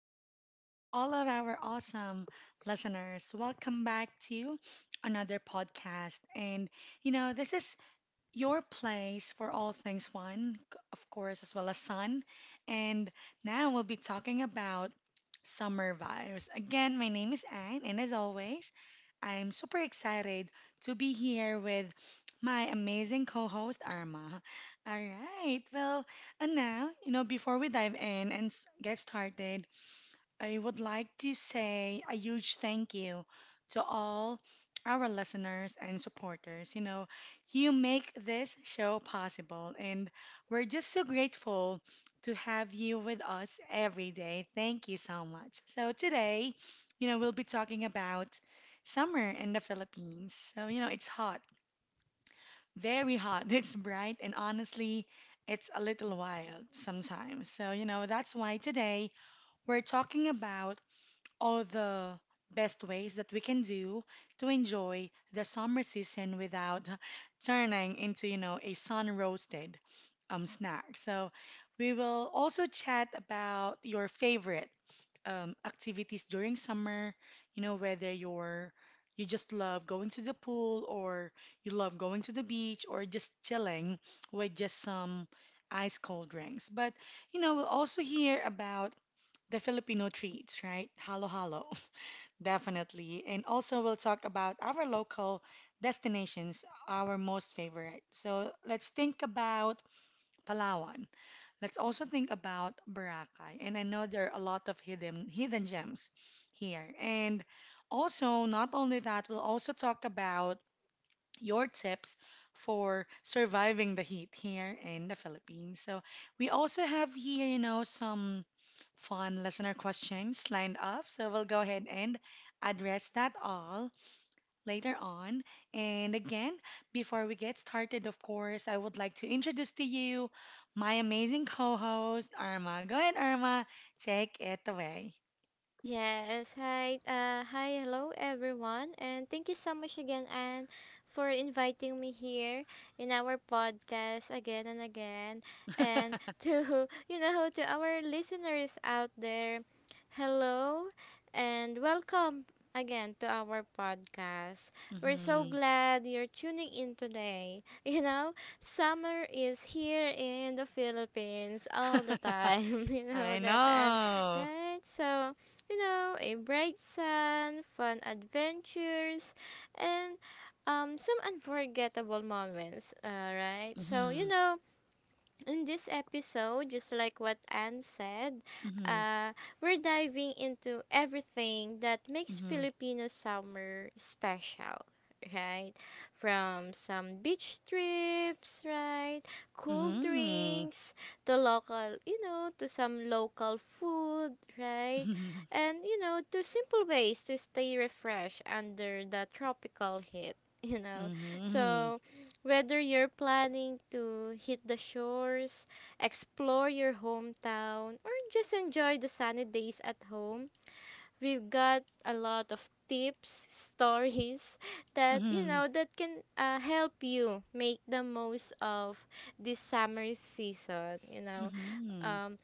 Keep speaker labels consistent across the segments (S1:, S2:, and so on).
S1: and of course to all of our awesome listeners, welcome back to another podcast. This is your place for all things fun, of course, as well as sun. And now we'll be talking about summer vibes. Again, my name is Anne, and as always, I'm super excited to be here with my amazing co-host Arma. All right, well, and now, before we dive in and get started, I would like to say a huge thank you to all our listeners and supporters. You make this show possible, and we're just so grateful to have you with us every day. Thank you so much. So, today, we'll be talking about summer in the Philippines. So, it's hot, very hot, it's bright, and honestly, it's a little wild sometimes. So, that's why today we're talking about all the best ways that we can do to enjoy the summer season without turning into, a sun roasted snack. So we will also chat about your favorite activities during summer, whether you just love going to the pool or you love going to the beach or just chilling with just some ice cold drinks. But we'll also hear about the Filipino treats, right? Halo halo, definitely. And also, we'll talk about our local destinations, our most favorite. So, let's think about Palawan. Let's also think about Boracay. And I know there are a lot of hidden gems here. And also, not only that, we'll also talk about your tips for surviving the heat here in the Philippines. So we also have here, some fun listener questions lined up. So we'll go ahead and address that all later on. And again, before we get started, of course, I would like to introduce to you my amazing co-host, Irma. Go ahead, Irma, take it away.
S2: Yes, hi, hello everyone, and thank you so much again, Anne, for inviting me here in our podcast again and again, and to to our listeners out there, hello, and welcome again to our podcast. We're so
S1: Mhm.
S2: glad you're tuning in today. You know, summer is here in the Philippines all the time. You know
S1: I
S2: that, and
S1: know.
S2: right, so you know, a bright sun, fun adventures, and some unforgettable moments. All right. So, you
S1: Hmm.
S2: know, in this episode, just like what Anne said,
S1: Hmm.
S2: uh, we're diving into everything that makes
S1: Hmm.
S2: Filipino summer special, right? From some beach trips, right? Cool
S1: Mm-hmm.
S2: drinks to local, you know, to some local food, right? And, you know, to simple ways to stay refreshed under the tropical heat, you know.
S1: Mm-hmm.
S2: So, whether you're planning to hit the shores, explore your hometown, or just enjoy the sunny days at home, we've got a lot of tips, stories that you
S1: Mm-hmm.
S2: know that can help you make the most of this summer season.
S1: Mm-hmm.
S2: Um,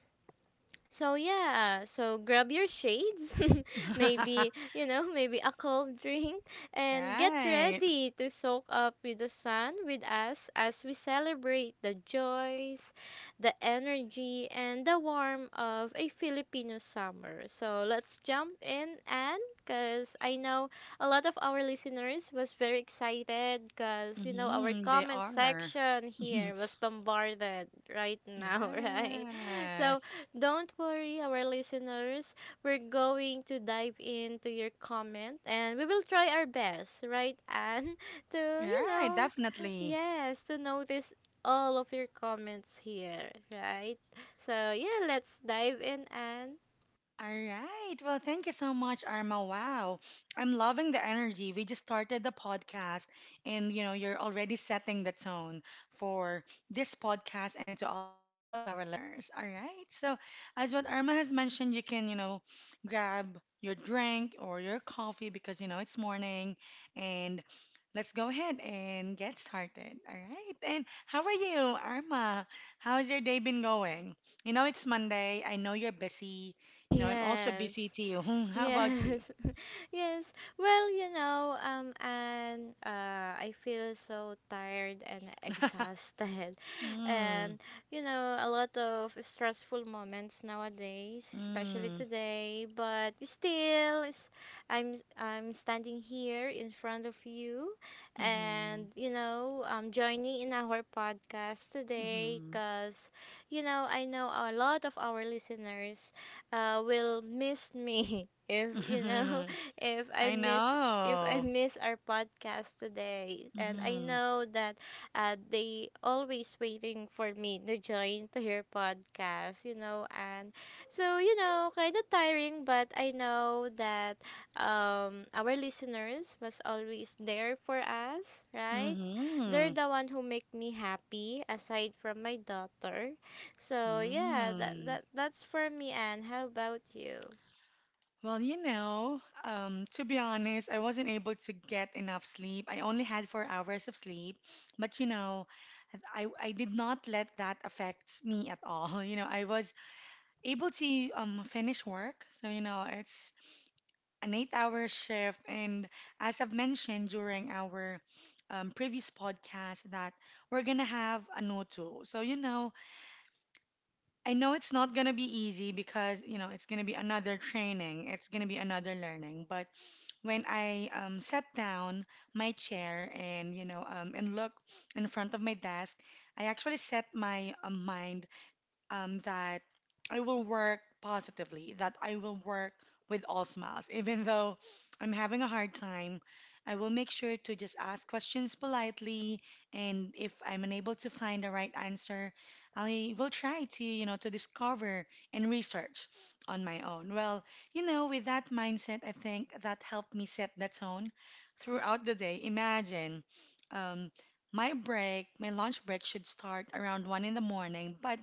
S2: so yeah, so grab your shades, maybe, you know, maybe a cold drink and get
S1: Right.
S2: ready to soak up with the sun with us as we celebrate the joys, the energy and the warmth of a Filipino summer. So let's jump in and because I know a lot of our listeners was very excited because you know our
S1: Mm-hmm. They
S2: comment
S1: are.
S2: section here was bombarded right now, right? So
S1: Yes.
S2: don't worry, our listeners. We're going to dive into your comment and we will try our best, right, Anne? To, you
S1: Right,
S2: know,
S1: definitely.
S2: yes, to notice all of your comments here, right? So, yeah, let's dive in, Anne.
S1: All right. Well, thank you so much, Arma. Wow. I'm loving the energy. We just started the podcast and you're already setting the tone for this podcast and to all of our listeners. All right. So, as what Arma has mentioned, you can, grab your drink or your coffee because it's morning and let's go ahead and get started. All right. And how are you, Arma? How's your day been going? It's Monday. I know you're busy. No, I'm also busy
S2: Yes.
S1: too. How about you?
S2: Yes, yes. Well, you know, and I feel so tired and exhausted,
S1: Mm,
S2: and you know, a lot of stressful moments nowadays, especially
S1: mm,
S2: today. But still, it's, I'm standing here in front of you,
S1: mm-hmm,
S2: and you know, I'm joining in our podcast today
S1: mm-hmm.
S2: because you know I know a lot of our listeners will miss me if you know if I
S1: I
S2: miss if I
S1: know.
S2: miss our podcast today. And I
S1: Mm-hmm,
S2: know that they always waiting for me to join to hear podcast, you know, and so you know, kind of tiring, but I know that our listeners was always there for us, right? They're
S1: mm-hmm,
S2: the one who make me happy aside from my daughter, so yeah, that
S1: mm.
S2: that that's for me. And how about you?
S1: Well, to be honest, I wasn't able to get enough sleep. I only had 4 hours of sleep, but I did not let that affect me at all. I was able to finish work, so it's an 8 hour shift. And as I've mentioned during our previous podcast, that we're going to have a no tool. So, I know it's not going to be easy because, it's going to be another training, it's going to be another learning. But when I sat down my chair and, and look in front of my desk, I actually set my mind that I will work positively, that I will work with all smiles. Even though I'm having a hard time, I will make sure to just ask questions politely. And if I'm unable to find the right answer, I will try to, to discover and research on my own. Well, with that mindset, I think that helped me set the tone throughout the day. Imagine, um, my lunch break should start around 1 in the morning, but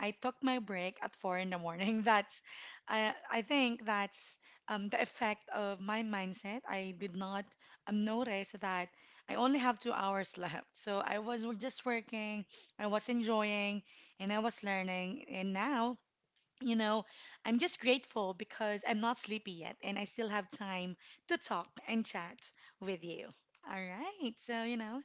S1: I took my break at 4 in the morning. I think that's the effect of my mindset. I did not notice that I only have 2 hours left. So I was just working, I was enjoying, and I was learning. And now you know, I'm just grateful because I'm not sleepy yet and I still have time to talk and chat with you. All right. So,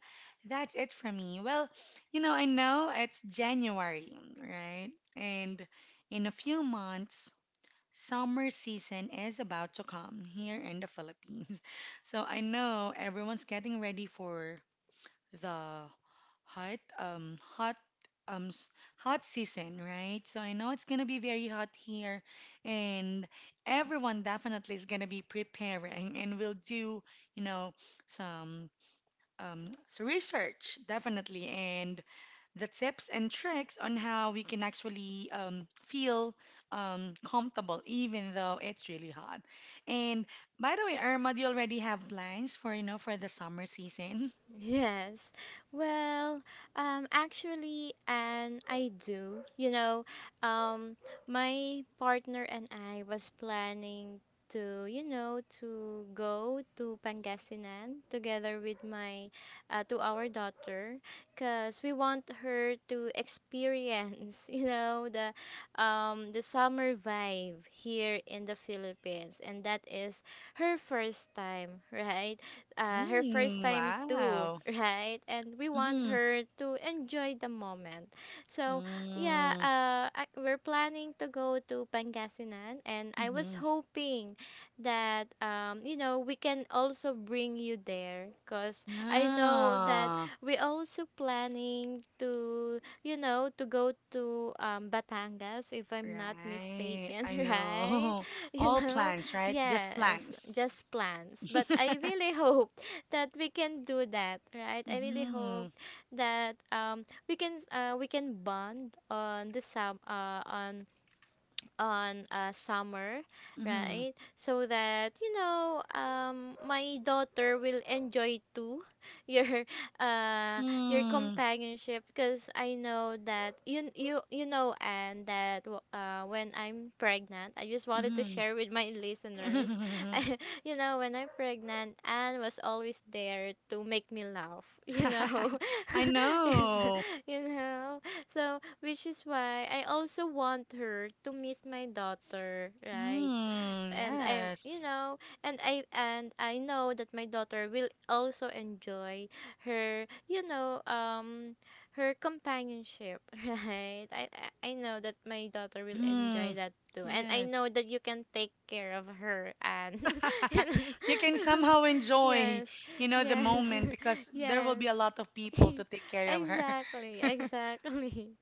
S1: that's it for me. Well, I know it's January, right? And in a few months, summer season is about to come here in the Philippines. So I know everyone's getting ready for the hot um hot um s- hot season, right? So I know it's gonna be very hot here, and everyone definitely is gonna be preparing, and we'll do you know some research definitely, and the tips and tricks on how we can actually feel comfortable even though it's really hot. And by the way, Irma, do you already have plans for you know for the summer season?
S2: Yes. Well, actually, and I do. Um, my partner and I was planning to, you know, to go to Pangasinan together with my, to our daughter, cause we want her to experience, you know, the summer vibe here in the Philippines, and that is her first time, right? Uh, her first
S1: Mm,
S2: time too,
S1: wow.
S2: right? And we want
S1: Mm-hmm.
S2: her to enjoy the moment. So yeah,
S1: Mm,
S2: we're planning to go to Pangasinan, and I was
S1: mm-hmm.
S2: hoping that you know we can also bring you there, cause I know that
S1: Yeah.
S2: we also planning to you know to go to Batangas if I'm not
S1: Right.
S2: mistaken,
S1: I
S2: right?
S1: know.
S2: You
S1: All
S2: know,
S1: plans, right? Just
S2: yes,
S1: plans.
S2: just plans. But I really hope that we can do that, right? I really
S1: Mm-hmm.
S2: hope that we can bond on the sub on summer,
S1: Mm-hmm.
S2: right? So that you know, my daughter will enjoy too your uh your
S1: Mm-hmm.
S2: companionship because I know that when I'm pregnant, I just wanted to share with my listeners.
S1: Mm-hmm.
S2: You know, when I'm pregnant, Anne was always there to make me laugh. You know,
S1: I know.
S2: you know. So which is why I also want her to meet my daughter, right?
S1: Mm,
S2: And I, you
S1: yes.
S2: know, and I know that my daughter will also enjoy her, you know, her companionship, right? I know that my daughter will
S1: Mm-hmm.
S2: enjoy that too, and I
S1: Yes.
S2: know that you can take care of her, and you know,
S1: You can somehow enjoy,
S2: yes,
S1: the
S2: yes,
S1: moment because there will
S2: yes.
S1: be a lot of people to take care of her.
S2: Exactly, exactly.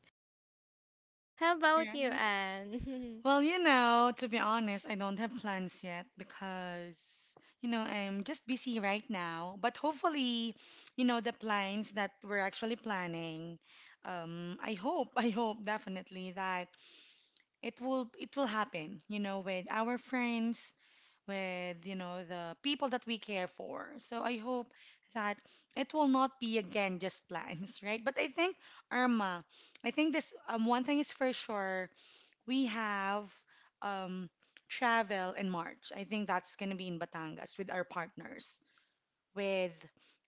S2: How
S1: All
S2: about you,
S1: right.
S2: Anne?
S1: Well, to be honest, I don't have plans yet because, I'm just busy right now. But hopefully, the plans that we're actually planning, I hope, I hope definitely that it will happen, with our friends, with, the people that we care for. So I hope that it will not be again just plans, right? But I think, Irma, I think this one thing is for sure we have um, travel in March. I think that's going to be in Batangas with our partners, with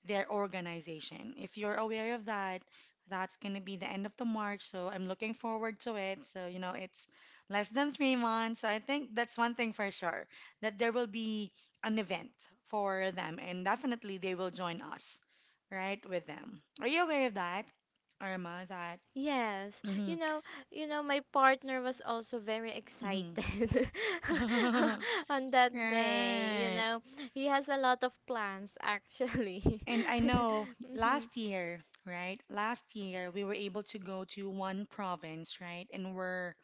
S1: their organization. If you're aware of that, that's going to be the end of the March. So I'm looking forward to it. So, it's less than 3 months. So I think that's one thing for sure that there will be an event for them, and definitely they will join us, right, with them. Are you aware of that, Irma? That.
S2: Yes,
S1: Hmm.
S2: you know, my partner was also very excited
S1: Hmm.
S2: on that day. You
S1: Right.
S2: know, he has a lot of plans actually.
S1: And I know
S2: Mhm.
S1: last year, right? Last year we were able to go to one province, right? And we're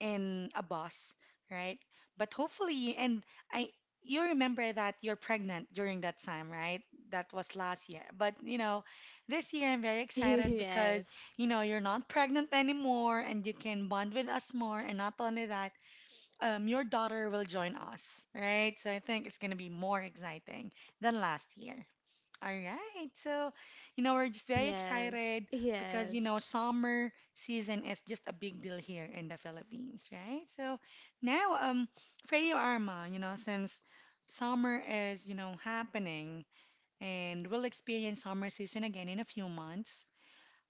S1: in a bus, right? But hopefully, I, you remember that you're pregnant during that time, right? That was last year. But, this year I'm very excited because,
S2: Yes,
S1: you're not pregnant anymore and you can bond with us more. And not only that, your daughter will join us, right? So I think it's going to be more exciting than last year. All right. So, we're just very
S2: yes,
S1: excited because,
S2: yes,
S1: summer season is just a big deal here in the Philippines, right? So now, for you, Arma, since summer is, happening and we'll experience summer season again in a few months,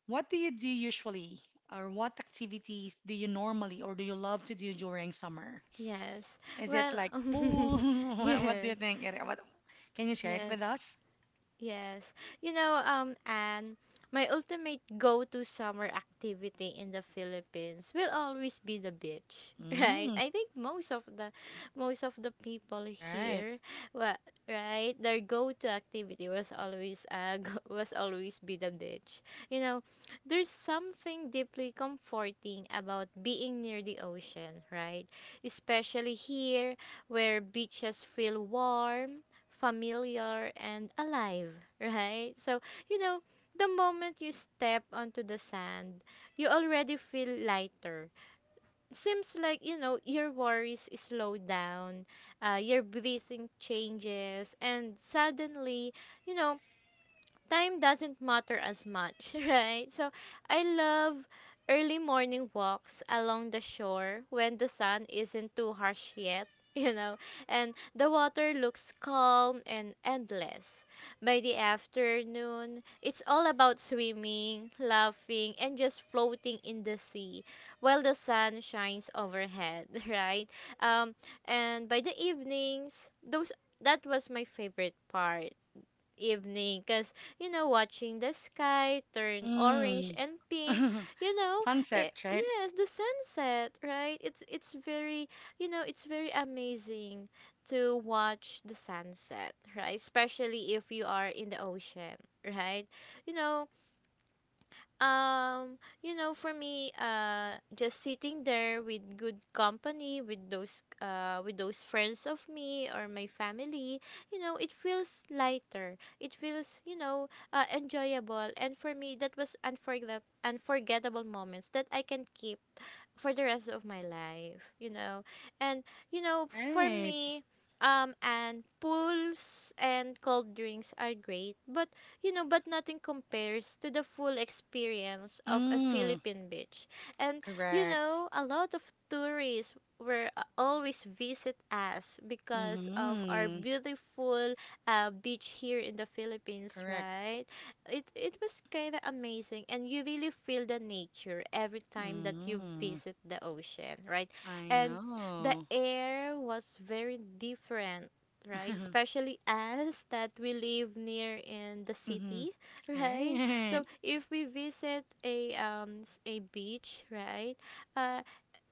S1: what do you do usually? Or what activities do you normally or do you love to do during summer?
S2: yes.
S1: Is it
S2: Well,
S1: like pool? What do you
S2: yes,
S1: think? Erica? Can you share it
S2: yes.
S1: with us?
S2: Yes. You know, and my ultimate go-to summer activity in the Philippines will always be the beach, right?
S1: Mm,
S2: I think most of the people
S1: right.
S2: here, well, right, their go-to activity was always was always be the beach. You know, there's something deeply comforting about being near the ocean, right? Especially here where beaches feel warm, familiar, and alive, right? So, you know, the moment you step onto the sand, you already feel lighter. Seems like, you know, your worries slow down, your breathing changes, and suddenly, you know, time doesn't matter as much, right? So I love early morning walks along the shore when the sun isn't too harsh yet, you know, and the water looks calm and endless. By the afternoon, it's all about swimming, laughing, and just floating in the sea while the sun shines overhead, right? Um, and by the evenings, those that was my favorite part, evening, because you know watching the sky turn orange
S1: Mm.
S2: and pink you know
S1: Sunset, right?
S2: yes, the sunset, right? It's very, you know, it's very amazing to watch the sunset, right, especially if you are in the ocean, right? you know you know, for me, just sitting there with good company, with those friends of me or my family, you know, it feels lighter. It feels, you know, enjoyable. And for me, that was unforgettable, unforgettable moments that I can keep for the rest of my life, you know. And you know, for
S1: Right.
S2: me, and pools and cold drinks are great, but you know, but nothing compares to the full experience of a
S1: Mm.
S2: Philippine beach. And you
S1: Correct.
S2: know, a lot of tourists were always visit us because of our
S1: Mm-hmm.
S2: beautiful beach here in the Philippines,
S1: Correct.
S2: right? It was kind of amazing and you really feel the nature every time that you
S1: Mm.
S2: visit the ocean, right?
S1: I
S2: And the
S1: know.
S2: air was very different, right, especially us that we live near in the
S1: Mm-hmm.
S2: city, right?
S1: Right.
S2: So if we visit a a beach, right, uh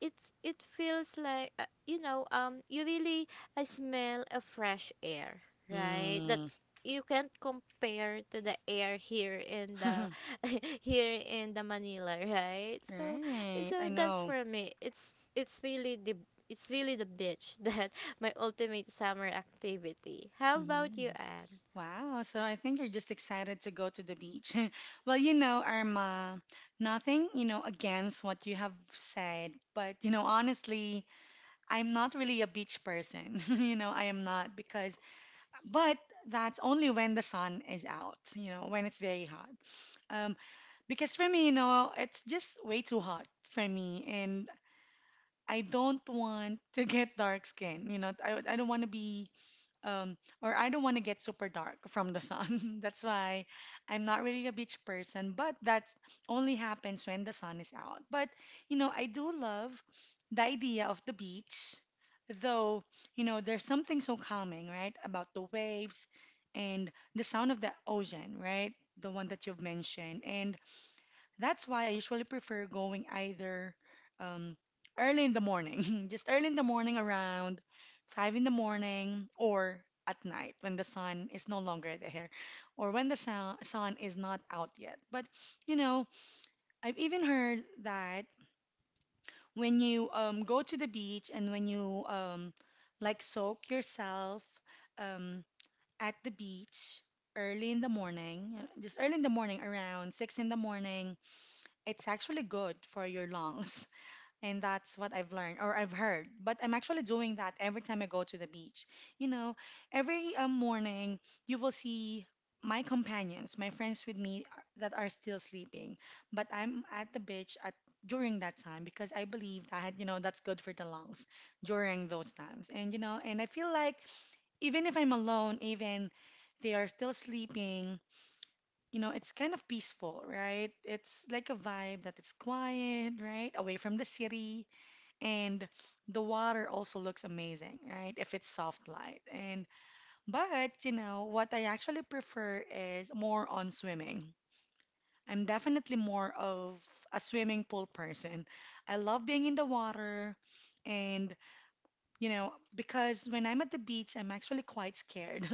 S2: it's it feels like you know you really I smell a fresh air, right, that
S1: Mm.
S2: you can't compare to the air here in the here in the Manila, right? So
S1: Right. I
S2: so that's
S1: know.
S2: for me. It's really the beach that my ultimate summer activity. How about
S1: Mm.
S2: you, Anne?
S1: Wow. So I think you're just excited to go to the beach. Well, Irma, nothing, against what you have said, but honestly, I'm not really a beach person. I am not but that's only when the sun is out, when it's very hot. Um, because for me, it's just way too hot for me. And I don't want to get dark skin, um, I don't want to get super dark from the sun. That's why I'm not really a beach person, but that only happens when the sun is out. But, I do love the idea of the beach, though, there's something so calming, right, about the waves and the sound of the ocean, right? The one that you've mentioned. And that's why I usually prefer going either um, early in the morning, just early in the morning around 5 in the morning, or at night when the sun is no longer there, or when the sun is not out yet. But you know, I've even heard that when you go to the beach and when you like soak yourself um, at the beach early in the morning, just early in the morning around 6 in the morning it's actually good for your lungs. And that's what I've learned or I've heard. But I'm actually doing that every time I go to the beach. You know, every morning you will see my companions, my friends with me that are still sleeping. But I'm at the beach at during that time because I believe that, you know, that's good for the lungs during those times. And, you know, and I feel like even if I'm alone, even they are still sleeping, you know, it's kind of peaceful, right? It's like a vibe that it's quiet, right? Away from the city. And the water also looks amazing, right? If it's soft light. And but, you know, what I actually prefer is more on swimming. I'm definitely more of a swimming pool person. I love being in the water. And, you know, because when I'm at the beach, I'm actually quite scared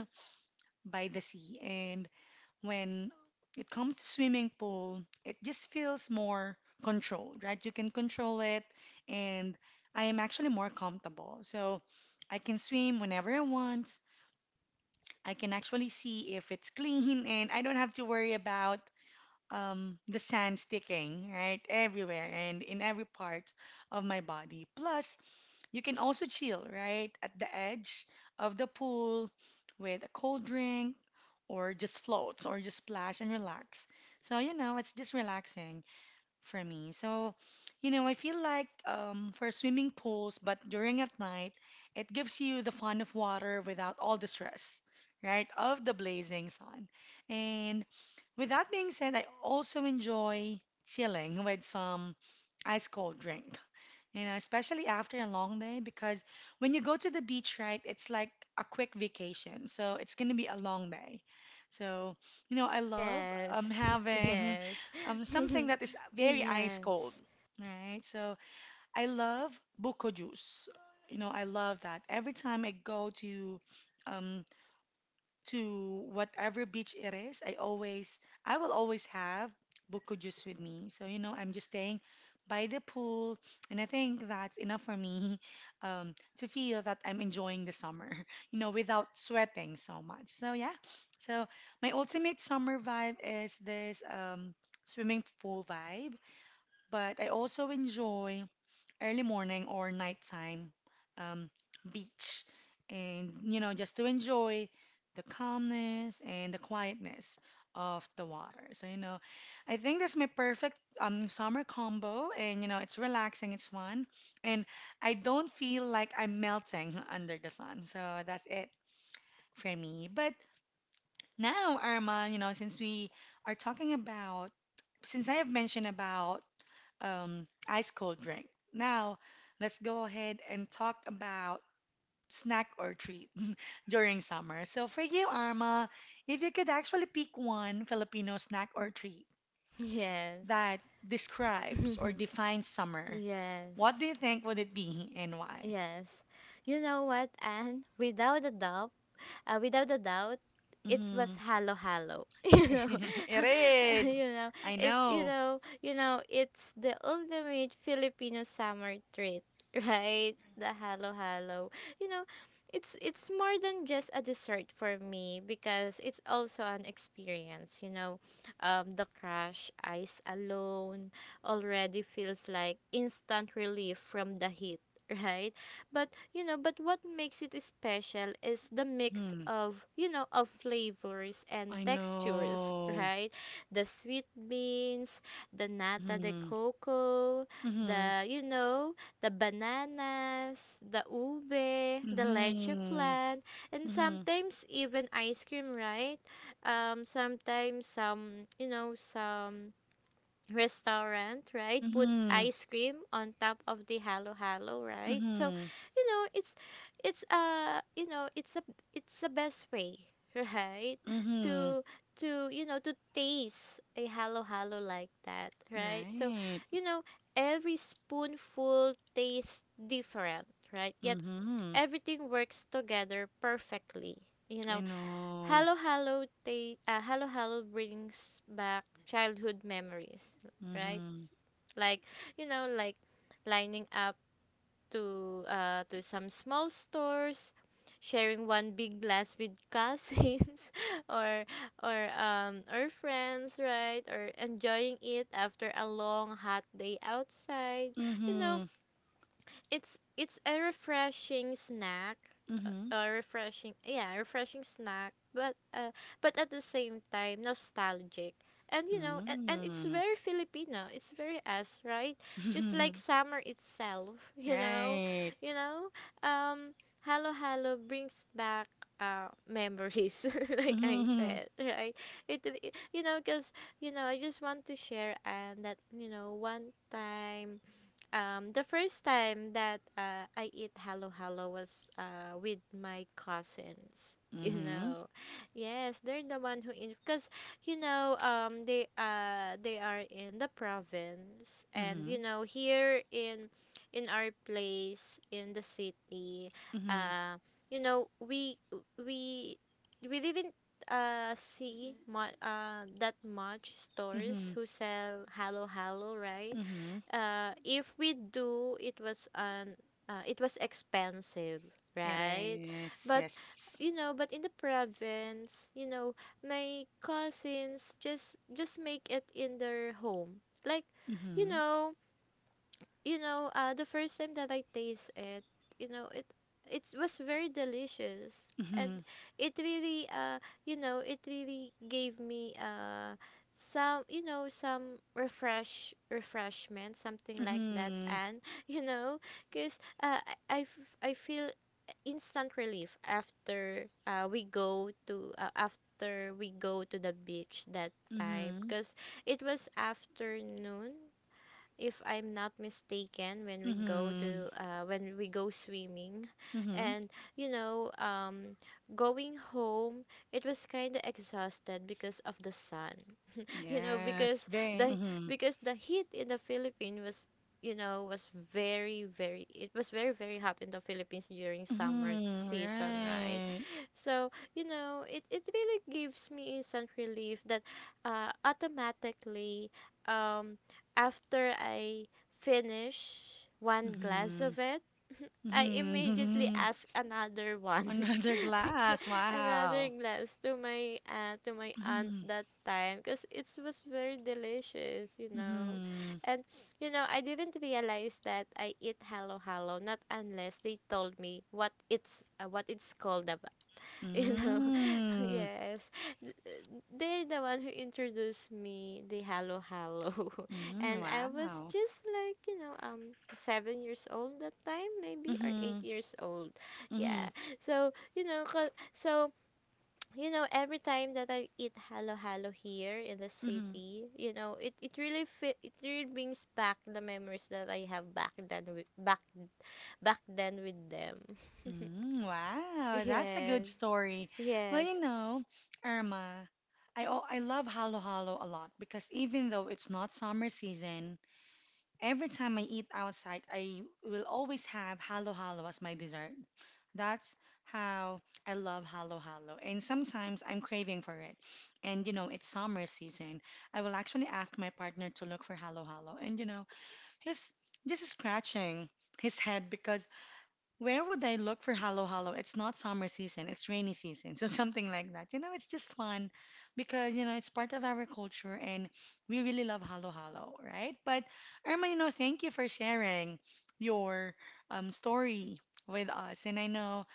S1: by the sea. And when it comes to swimming pool, it just feels more controlled, right? You can control it, and I am actually more comfortable. So I can swim whenever I want. I can actually see if it's clean, and I don't have to worry about the sand sticking, right? Everywhere and in every part of my body. Plus, you can also chill, right? At the edge of the pool with a cold drink or just floats or just splash and relax. So, you know, it's just relaxing for me. So, you know, I feel like for swimming pools, but during at night, it gives you the fun of water without all the stress, right, of the blazing sun. And with that being said, I also enjoy chilling with some ice cold drink, you know, especially after a long day, because when you go to the beach, right, it's like a quick vacation. So it's going to be a long day. So, you know, I love
S2: Yes.
S1: having
S2: Yes.
S1: something that is very ice
S2: Yes.
S1: cold, right? So I love buko juice. You know, I love that. Every time I go um, to whatever beach it is, I will always have buko juice with me. So, you know, I'm just staying by the pool, and I think that's enough for me to feel that I'm enjoying the summer, you know, without sweating so much. So, yeah. So, my ultimate summer vibe is this swimming pool vibe, but I also enjoy early morning or nighttime um, beach. And, you know, just to enjoy the calmness and the quietness of the water. So, you know, I think that's my perfect summer combo. And, you know, it's relaxing, it's fun. And I don't feel like I'm melting under the sun. So that's it for me. But now, Irma, you know, since we are talking about, since I have mentioned about ice cold drink. Now, let's go ahead and talk about snack or treat during summer. So, for you, Arma, if you could actually pick one Filipino snack or treat
S2: Yes.
S1: that describes or defines summer, what
S2: Yes.
S1: do you think would it be and why?
S2: Yes. You know what, Anne? Without a doubt, uh, without a doubt, it was
S1: Hmm.
S2: halo halo. You know,
S1: It is.
S2: you know,
S1: I know.
S2: you know, it's the ultimate Filipino summer treat, right? The halo halo. You know, it's more than just a dessert for me because it's also an experience. You know, the crushed ice alone already feels like instant relief from the heat. Right, but you know but what makes it special is the mix
S1: Hmm.
S2: of you know of flavors and
S1: I
S2: textures,
S1: know.
S2: right? The sweet beans, the nata de
S1: Hmm.
S2: coco,
S1: Hmm.
S2: the you know the bananas, the ube, the leche
S1: Hmm.
S2: flan, and
S1: Hmm.
S2: sometimes even ice cream, right? Sometimes some you know some restaurant, right, put
S1: Hmm.
S2: ice cream on top of the halo halo, right? So,
S1: Hmm.
S2: you know, it's you know it's a it's the best way, right?
S1: Mm-hmm.
S2: To to You know, to taste a halo halo like that, right? So,
S1: Right.
S2: you know, every spoonful tastes different, right? Yet
S1: Mm-hmm.
S2: everything works together perfectly. You
S1: I
S2: know,
S1: know.
S2: Hello, hello brings back childhood memories, right?
S1: Mm-hmm.
S2: Like, you know, like lining up to some small stores, sharing one big glass with cousins or or friends, right? Or enjoying it after a long hot day outside. You know,
S1: Mm-hmm.
S2: it's a refreshing snack,
S1: Mm-hmm.
S2: refreshing snack, but at the same time nostalgic. And you know, and it's
S1: Mm-hmm.
S2: very Filipino. It's very us, right? Just like summer itself, you know,
S1: Right.
S2: you know. Um, halo halo brings back memories, like I
S1: Mm-hmm.
S2: said, right? It you know, cause you know, I just want to share and that you know, one time. The first time that I eat halo halo was with my cousins. You
S1: Mm-hmm.
S2: know, yes, they're the one who in because they are in the province. And
S1: Mm-hmm.
S2: you know, here in our place in the city
S1: Mm-hmm.
S2: uh you know, we we didn't see that much
S1: Mm-hmm.
S2: stores who sell halo halo, right?
S1: Mm-hmm.
S2: If we do, it was an it was expensive,
S1: It
S2: right?
S1: is.
S2: But
S1: Yes.
S2: you know, but in the province, you know, my cousins just make it in their home. Like, you
S1: Mm-hmm.
S2: know, the first time that I taste it, you know, it was very delicious, and
S1: Mm-hmm.
S2: it really, you know, it really gave me some, you know, some refreshment, something like that,
S1: Mm-hmm.
S2: and you know, cause I feel instant relief after we go to after we go to the beach that time,
S1: Mm-hmm.
S2: cause it was afternoon if I'm not mistaken, when we go
S1: Mm-hmm.
S2: to when we go swimming.
S1: Mm-hmm.
S2: And you know, going home, it was kind of exhausted because of the sun. You know,
S1: Yes. Very. Mm-hmm.
S2: because the heat in the Philippines was was very very it was very very hot in the Philippines during summer
S1: Mm-hmm.
S2: season, right?
S1: Right.
S2: So you know, it really gives me instant relief that automatically. Um, After I finish one glass
S1: Mm-hmm.
S2: of it, I immediately
S1: Mm-hmm.
S2: ask another one,
S1: Another glass.
S2: another
S1: Wow.
S2: glass to my aunt
S1: Mm,
S2: that time because it was very delicious, you know.
S1: mhm.
S2: And you know, I didn't realize that I eat halo halo not unless they told me what it's called ab- you know.
S1: Mm,
S2: Yes. Th- they're the one who introduced me the halo halo.
S1: mm,
S2: And I was
S1: wow.
S2: just like 7 years old that time, maybe, or eight
S1: Mhm,
S2: years old, yeah.
S1: mhm,
S2: So you know, 'cause- so you know, every time that I eat halo halo here in the
S1: mhm.
S2: city, you know, it really fit it really brings back the memories that I have back then with, back then with them.
S1: Mm, wow, that's a good
S2: Yes.
S1: story. Well,
S2: Yes.
S1: you know, Irma, I love Halo Halo a lot because even though it's not summer season, every time I eat outside, I will always have halo halo as my dessert. That's how I love halo halo. And sometimes I'm craving for it. And you know, it's summer season. I will actually ask my partner to look for halo halo. And you know, he's just scratching his head because where would I look for Halo Halo? It's not summer season, it's rainy season. So something like that. You know, it's just fun because, you know, it's part of our culture and we really love Halo Halo, right? But Irma, you know, thank you for sharing your story with us. And I know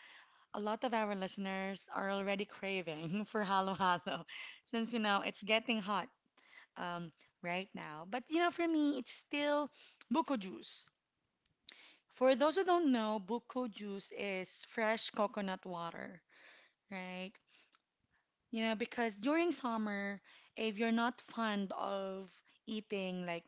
S1: a lot of our listeners are already craving for Halo Halo since, you know, it's getting hot um, right now. But, you know, for me, it's still buko juice. For those who don't know, buko juice is fresh coconut water, right? You know, because during summer, if you're not fond of eating like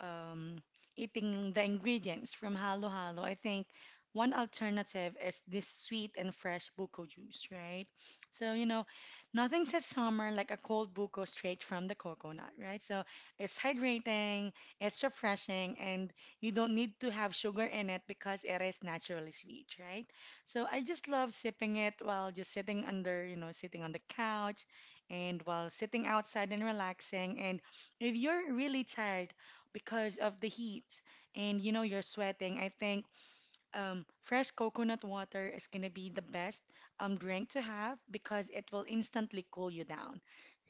S1: um, eating the ingredients from Halo Halo, I think one alternative is this sweet and fresh buko juice, right? So, you know, nothing says summer like a cold buko straight from the coconut, right? So it's hydrating, it's refreshing, and you don't need to have sugar in it because it is naturally sweet, right? So I just love sipping it while just sitting under, you know, sitting on the couch and while sitting outside and relaxing. And if you're really tired, because of the heat and you know you're sweating. I think fresh coconut water is gonna be the best drink to have because it will instantly cool you down,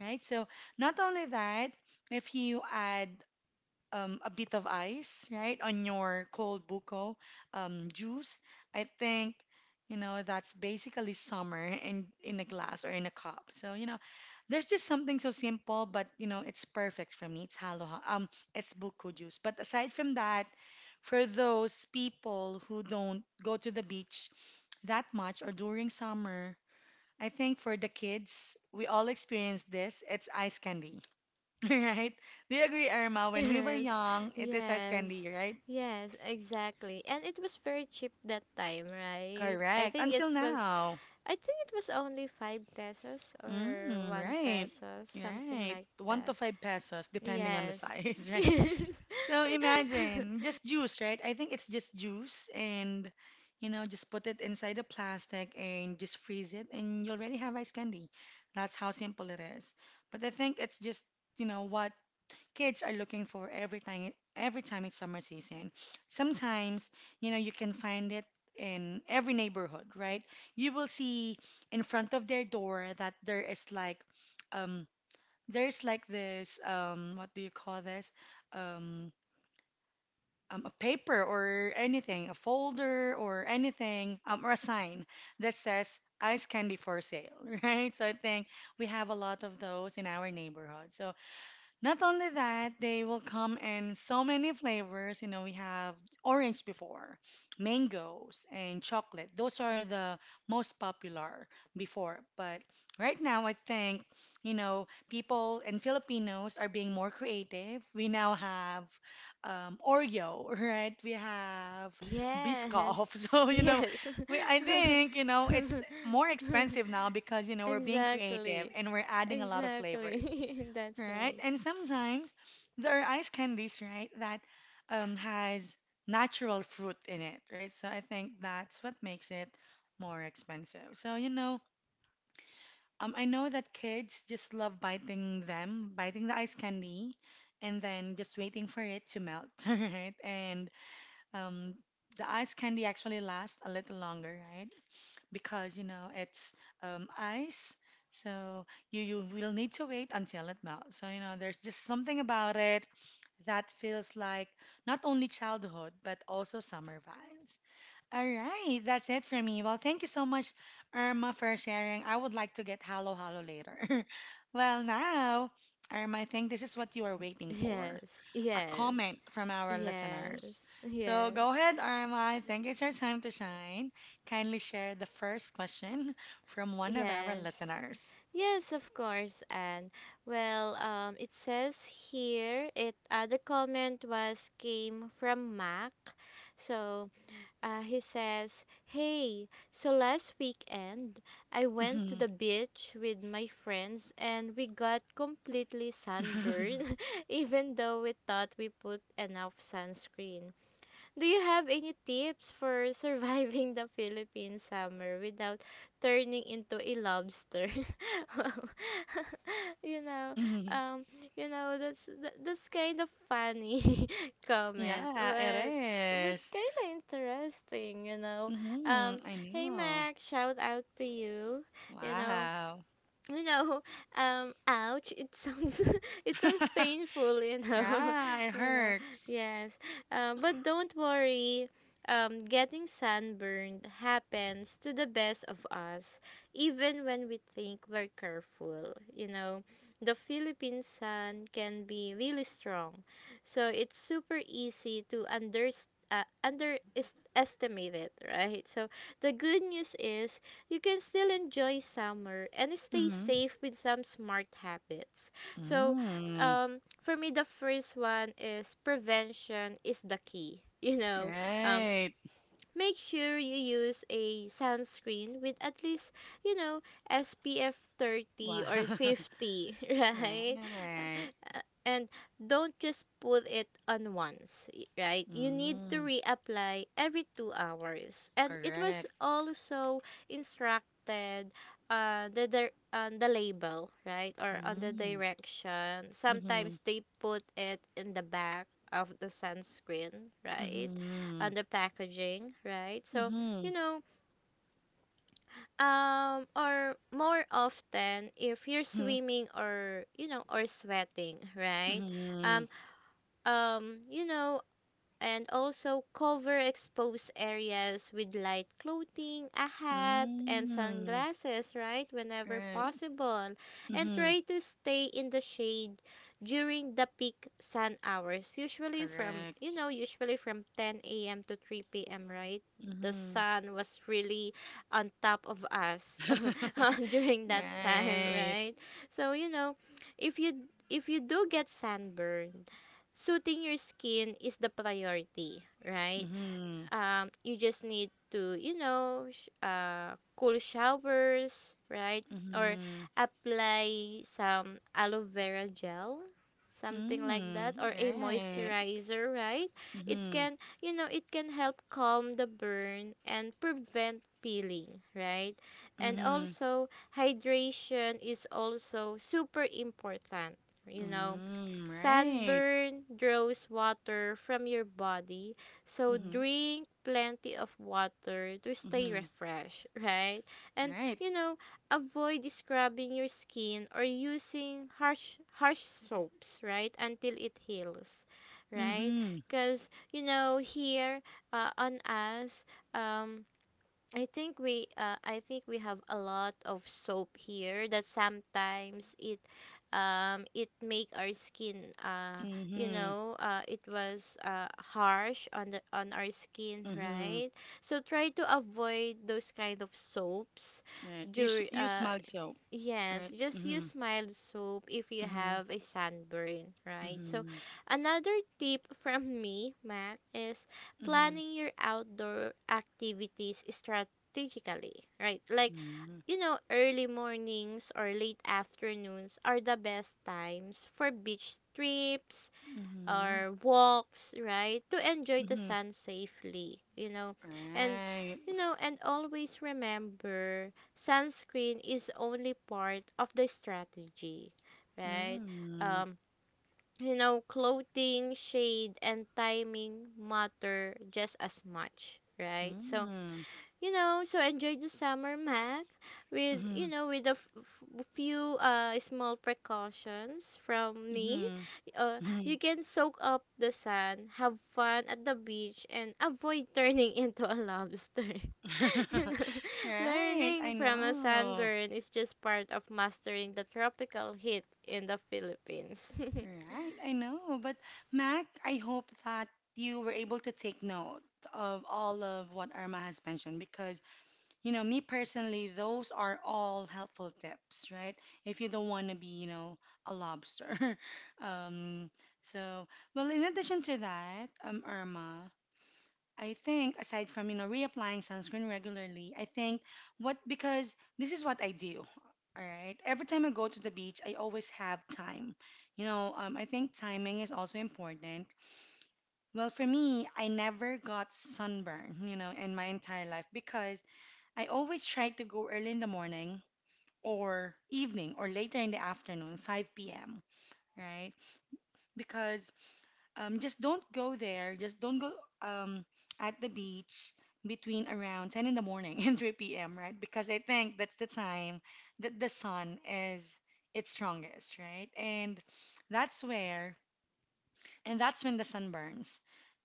S1: right? So not only that, if you add a bit of ice, right, on your cold buko juice, I think, you know, that's basically summer in a glass or in a cup. So, you know, there's just something so simple, but, you know, it's perfect for me. It's halo. It's buko juice. But aside from that, for those people who don't go to the beach that much or during summer, I think for the kids, we all experience this. It's ice candy. Right? Do you agree, Irma? When we were
S2: Yes,
S1: young, it is as
S2: yes,
S1: candy, right?
S2: yes, exactly. And it was very cheap that time, right? I
S1: Correct.
S2: think it
S1: Until
S2: was,
S1: now.
S2: I think it was only 5 pesos or
S1: Mm,
S2: one
S1: right.
S2: peso, something
S1: Right.
S2: like
S1: One
S2: that.
S1: to five pesos, depending on the
S2: Yes,
S1: size, right?
S2: yes,
S1: So imagine just juice, right? I think it's just juice and you know, just put it inside a plastic and just freeze it and you already have ice candy. That's how simple it is. But I think it's just, you know, what kids are looking for every time it's summer season. Sometimes, you know, you can find it in every neighborhood, right? You will see in front of their door that there is like um there's like this what do you call this? Um a paper or anything, a folder or anything, or a sign that says ice candy for sale, right? So I think we have a lot of those in our neighborhood. So not only that, they will come in so many flavors. You know, we have orange before, mangoes, and chocolate. Those are the most popular before. But right now, I think, you know, people and Filipinos are being more creative. We now have Oreo, right? We have
S2: yes,
S1: Biscoff. So, you know,
S2: yes,
S1: I think, you know, it's more expensive now because, you know, we're being creative
S2: exactly,
S1: and we're adding a lot of flavors,
S2: exactly. That's
S1: right?
S2: right.
S1: And sometimes there are ice candies, right, that has natural fruit in it, right? So I think that's what makes it more expensive. So, you know, I know that kids just love biting them, biting the ice candy, and then just waiting for it to melt, right? And um, the ice candy actually lasts a little longer, right? Because you know it's ice. So you will need to wait until it melts. So you know there's just something about it that feels like not only childhood but also summer vibes. All right, that's it for me. Well, thank you so much, Irma, for sharing. I would like to get Halo Halo later. Well, now, Irma, I think this is what you are waiting for,
S2: Yes,
S1: a
S2: yes,
S1: comment from our
S2: yes,
S1: listeners. So
S2: yes.
S1: go ahead, Irma. I think it's your time to shine. Kindly share the first question from one of our
S2: Yes.
S1: listeners.
S2: Yes, of course. And well, it says here it the comment was came from Mac. So he says, "Hey, so last weekend I went to
S1: Mhm.
S2: the beach with my friends and we got completely sunburned, even though we thought we put enough sunscreen. Do you have any tips for surviving the Philippine summer without turning into a lobster? Wow. you know, um, you know that's that, that's kind of funny comment,
S1: Yeah, it
S2: but
S1: is.
S2: kind of interesting, you know.
S1: Mhm,
S2: Um,
S1: I
S2: Hey
S1: know.
S2: Mac, shout out to you. You know,
S1: Wow.
S2: you know, ouch, it sounds it sounds painful, you know.
S1: Yeah, it
S2: you know.
S1: hurts.
S2: Yes. But don't worry. Getting sunburned happens to the best of us, even when we think we're careful. You know, the Philippine sun can be really strong, so it's super easy to underestimate it, right? So the good news is you can still enjoy summer and stay
S1: Mm-hmm.
S2: safe with some smart habits. So,
S1: Mm.
S2: for me, the first one is prevention is the key. You know, um,
S1: Right.
S2: make sure you use a sunscreen with at least, you know, SPF 30
S1: Wow.
S2: or 50, right?
S1: Right.
S2: And don't just put it on once, y- right? You need to
S1: Mm.
S2: reapply every 2 hours. And it was
S1: Correct.
S2: also instructed on the label, right? Or on the
S1: Mm.
S2: direction.
S1: Mm-hmm.
S2: Sometimes they put it in the back of the sunscreen, right? On
S1: Mm-hmm.
S2: the packaging, right? So,
S1: Mm-hmm.
S2: you know, or more often if you're
S1: Mm-hmm.
S2: swimming or you know or sweating, right? Um, you know, and also cover exposed areas with light clothing, a hat, and
S1: Mm-hmm. Mm.
S2: sunglasses, right? Whenever
S1: Right.
S2: possible. And
S1: Mm-hmm.
S2: try to stay in the shade during the peak sun hours, usually from, you
S1: Correct.
S2: know, usually from 10 a.m. to 3 p.m., right? The
S1: Mm-hmm.
S2: sun was really on top of us during that time,
S1: Right.
S2: right? So, you know, if you if you do get sunburn, soothing your skin is the priority, right?
S1: Mm-hmm.
S2: You just need to you know cool showers, right? Or
S1: Mm-hmm.
S2: apply some aloe vera gel, something like that,
S1: Mm.
S2: or a
S1: Right.
S2: moisturizer, right? It
S1: Mm-hmm.
S2: can you know it can help calm the burn and prevent peeling, right? And
S1: Mm-hmm.
S2: also hydration is also super important, you know.
S1: Mm. Right.
S2: Sunburn draws water from your body, so
S1: Mm-hmm.
S2: drink plenty of water to stay
S1: Mm-hmm.
S2: refreshed, right? And
S1: Right.
S2: you know, avoid scrubbing your skin or using harsh soaps, right? Until it heals, right?
S1: Mm-hmm.
S2: Because you know here on us, um, I think we have a lot of soap here that sometimes it it make our skin you
S1: Mm-hmm.
S2: know it was harsh on the on our skin,
S1: Mm-hmm.
S2: right? So try to avoid those kind of soaps
S1: Right. You
S2: during
S1: sh- you smelled soap.
S2: Yes,
S1: Right.
S2: just
S1: Mm-hmm.
S2: use mild soap if you
S1: Mm-hmm.
S2: have a sunburn, right? So,
S1: Mm-hmm.
S2: another tip from me, Mac, is
S1: Mm-hmm.
S2: planning your outdoor activities strategically, right? Like,
S1: Mm-hmm.
S2: you know, early mornings or late afternoons are the best times for beach trips,
S1: Mm-hmm.
S2: or walks, right? To enjoy the
S1: Mm-hmm.
S2: sun safely, you know. And
S1: Right.
S2: you know, and always remember sunscreen is only part of the strategy, right?
S1: Mm-hmm.
S2: Um you know, clothing, shade and timing matter just as much, right? So
S1: Mm-hmm.
S2: you know, so enjoy the summer, Mac, with
S1: Mm-hmm.
S2: you know with a few small precautions from me.
S1: Mm-hmm.
S2: You can soak up the sun, have fun at the beach, and avoid turning into a lobster. You know,
S1: Right.
S2: learning
S1: I
S2: from a
S1: know.
S2: sunburn is just part of mastering the tropical heat in the Philippines.
S1: Right. I know. But Mac, I hope that you were able to take note of all of what Irma has mentioned because you know, me personally, those are all helpful tips, right? If you don't want to be, you know, a lobster. Um, so, well, in addition to that, Irma, I think aside from, you know, reapplying sunscreen regularly, I think what, because this is what I do, all right? Every time I go to the beach, I always have time. I think timing is also important. Well, for me, I never got sunburn, you know, in my entire life because I always try to go early in the morning or evening or later in the afternoon, 5 p.m., right? Because just don't go there, just don't go um, at the beach between around 10 in the morning and 3 p.m., right? Because I think that's the time that the sun is its strongest, right? And that's where and that's when the sunburns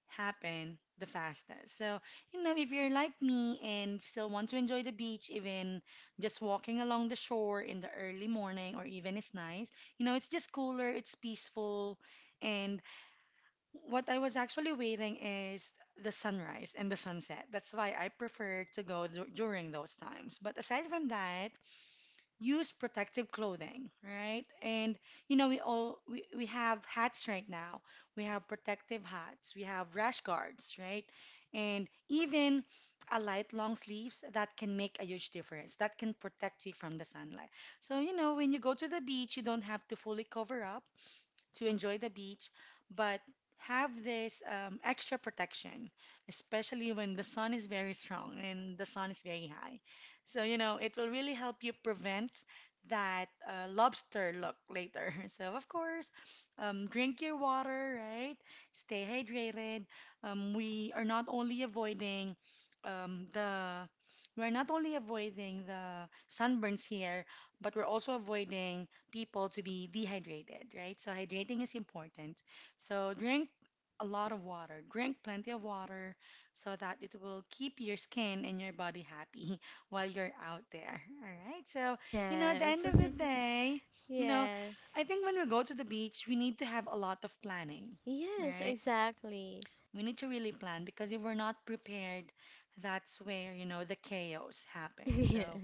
S1: happen the fastest. So, you know, if you're like me and still want to enjoy the beach, even just walking along the shore in the early morning or even it's nice, you know, it's just cooler, it's peaceful. And what I was actually waiting is the sunrise and the sunset. That's why I prefer to go during those times. But aside from that, use protective clothing, right? And you know, we have hats right now. We have protective hats, we have rash guards, right? And even a light long sleeves that can make a huge difference. That can protect you from the sunlight. So, you know, when you go to the beach, you don't have to fully cover up to enjoy the beach, but have this extra protection, especially when the sun is very strong and the sun is very high. So, you know, it will really help you prevent that lobster look later. So, of course, drink your water, right? Stay hydrated. We are not only avoiding the We're not only avoiding the sunburns here, but we're also avoiding people to be dehydrated, right? So hydrating is important. So drink a lot of water. Drink plenty of water so that it will keep your skin and your body happy while you're out there. All right. So, you know, at the
S2: Yes.
S1: end of the day, you know,
S2: Yes,
S1: I think when we go to the beach, we need to have a lot of planning,
S2: yes,
S1: right?
S2: exactly.
S1: We need to really plan because if we're not prepared, that's where, you know, the chaos happens.
S2: Yes.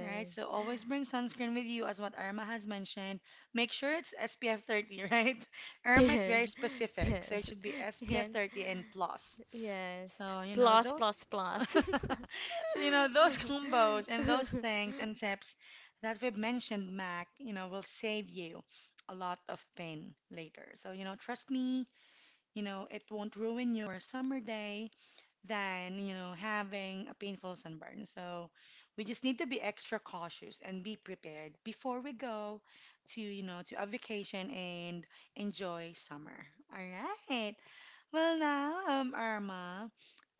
S1: Right, so always bring sunscreen with you, as what Irma has mentioned. Make sure it's SPF 30, right? Irma is
S2: Yes,
S1: very specific, so
S2: yes,
S1: it should be
S2: yes,
S1: SPF 30 and plus.
S2: yes.
S1: So, you know,
S2: Plus,
S1: those,
S2: plus, plus.
S1: so, you know, those combos and those things and tips that we've mentioned, Mac, you know, will save you a lot of pain later. So, you know, trust me, you know, it won't ruin your summer day than, you know, having a painful sunburn. So we just need to be extra cautious and be prepared before we go to, you know, to a vacation and enjoy summer. All right. Well, now, Irma,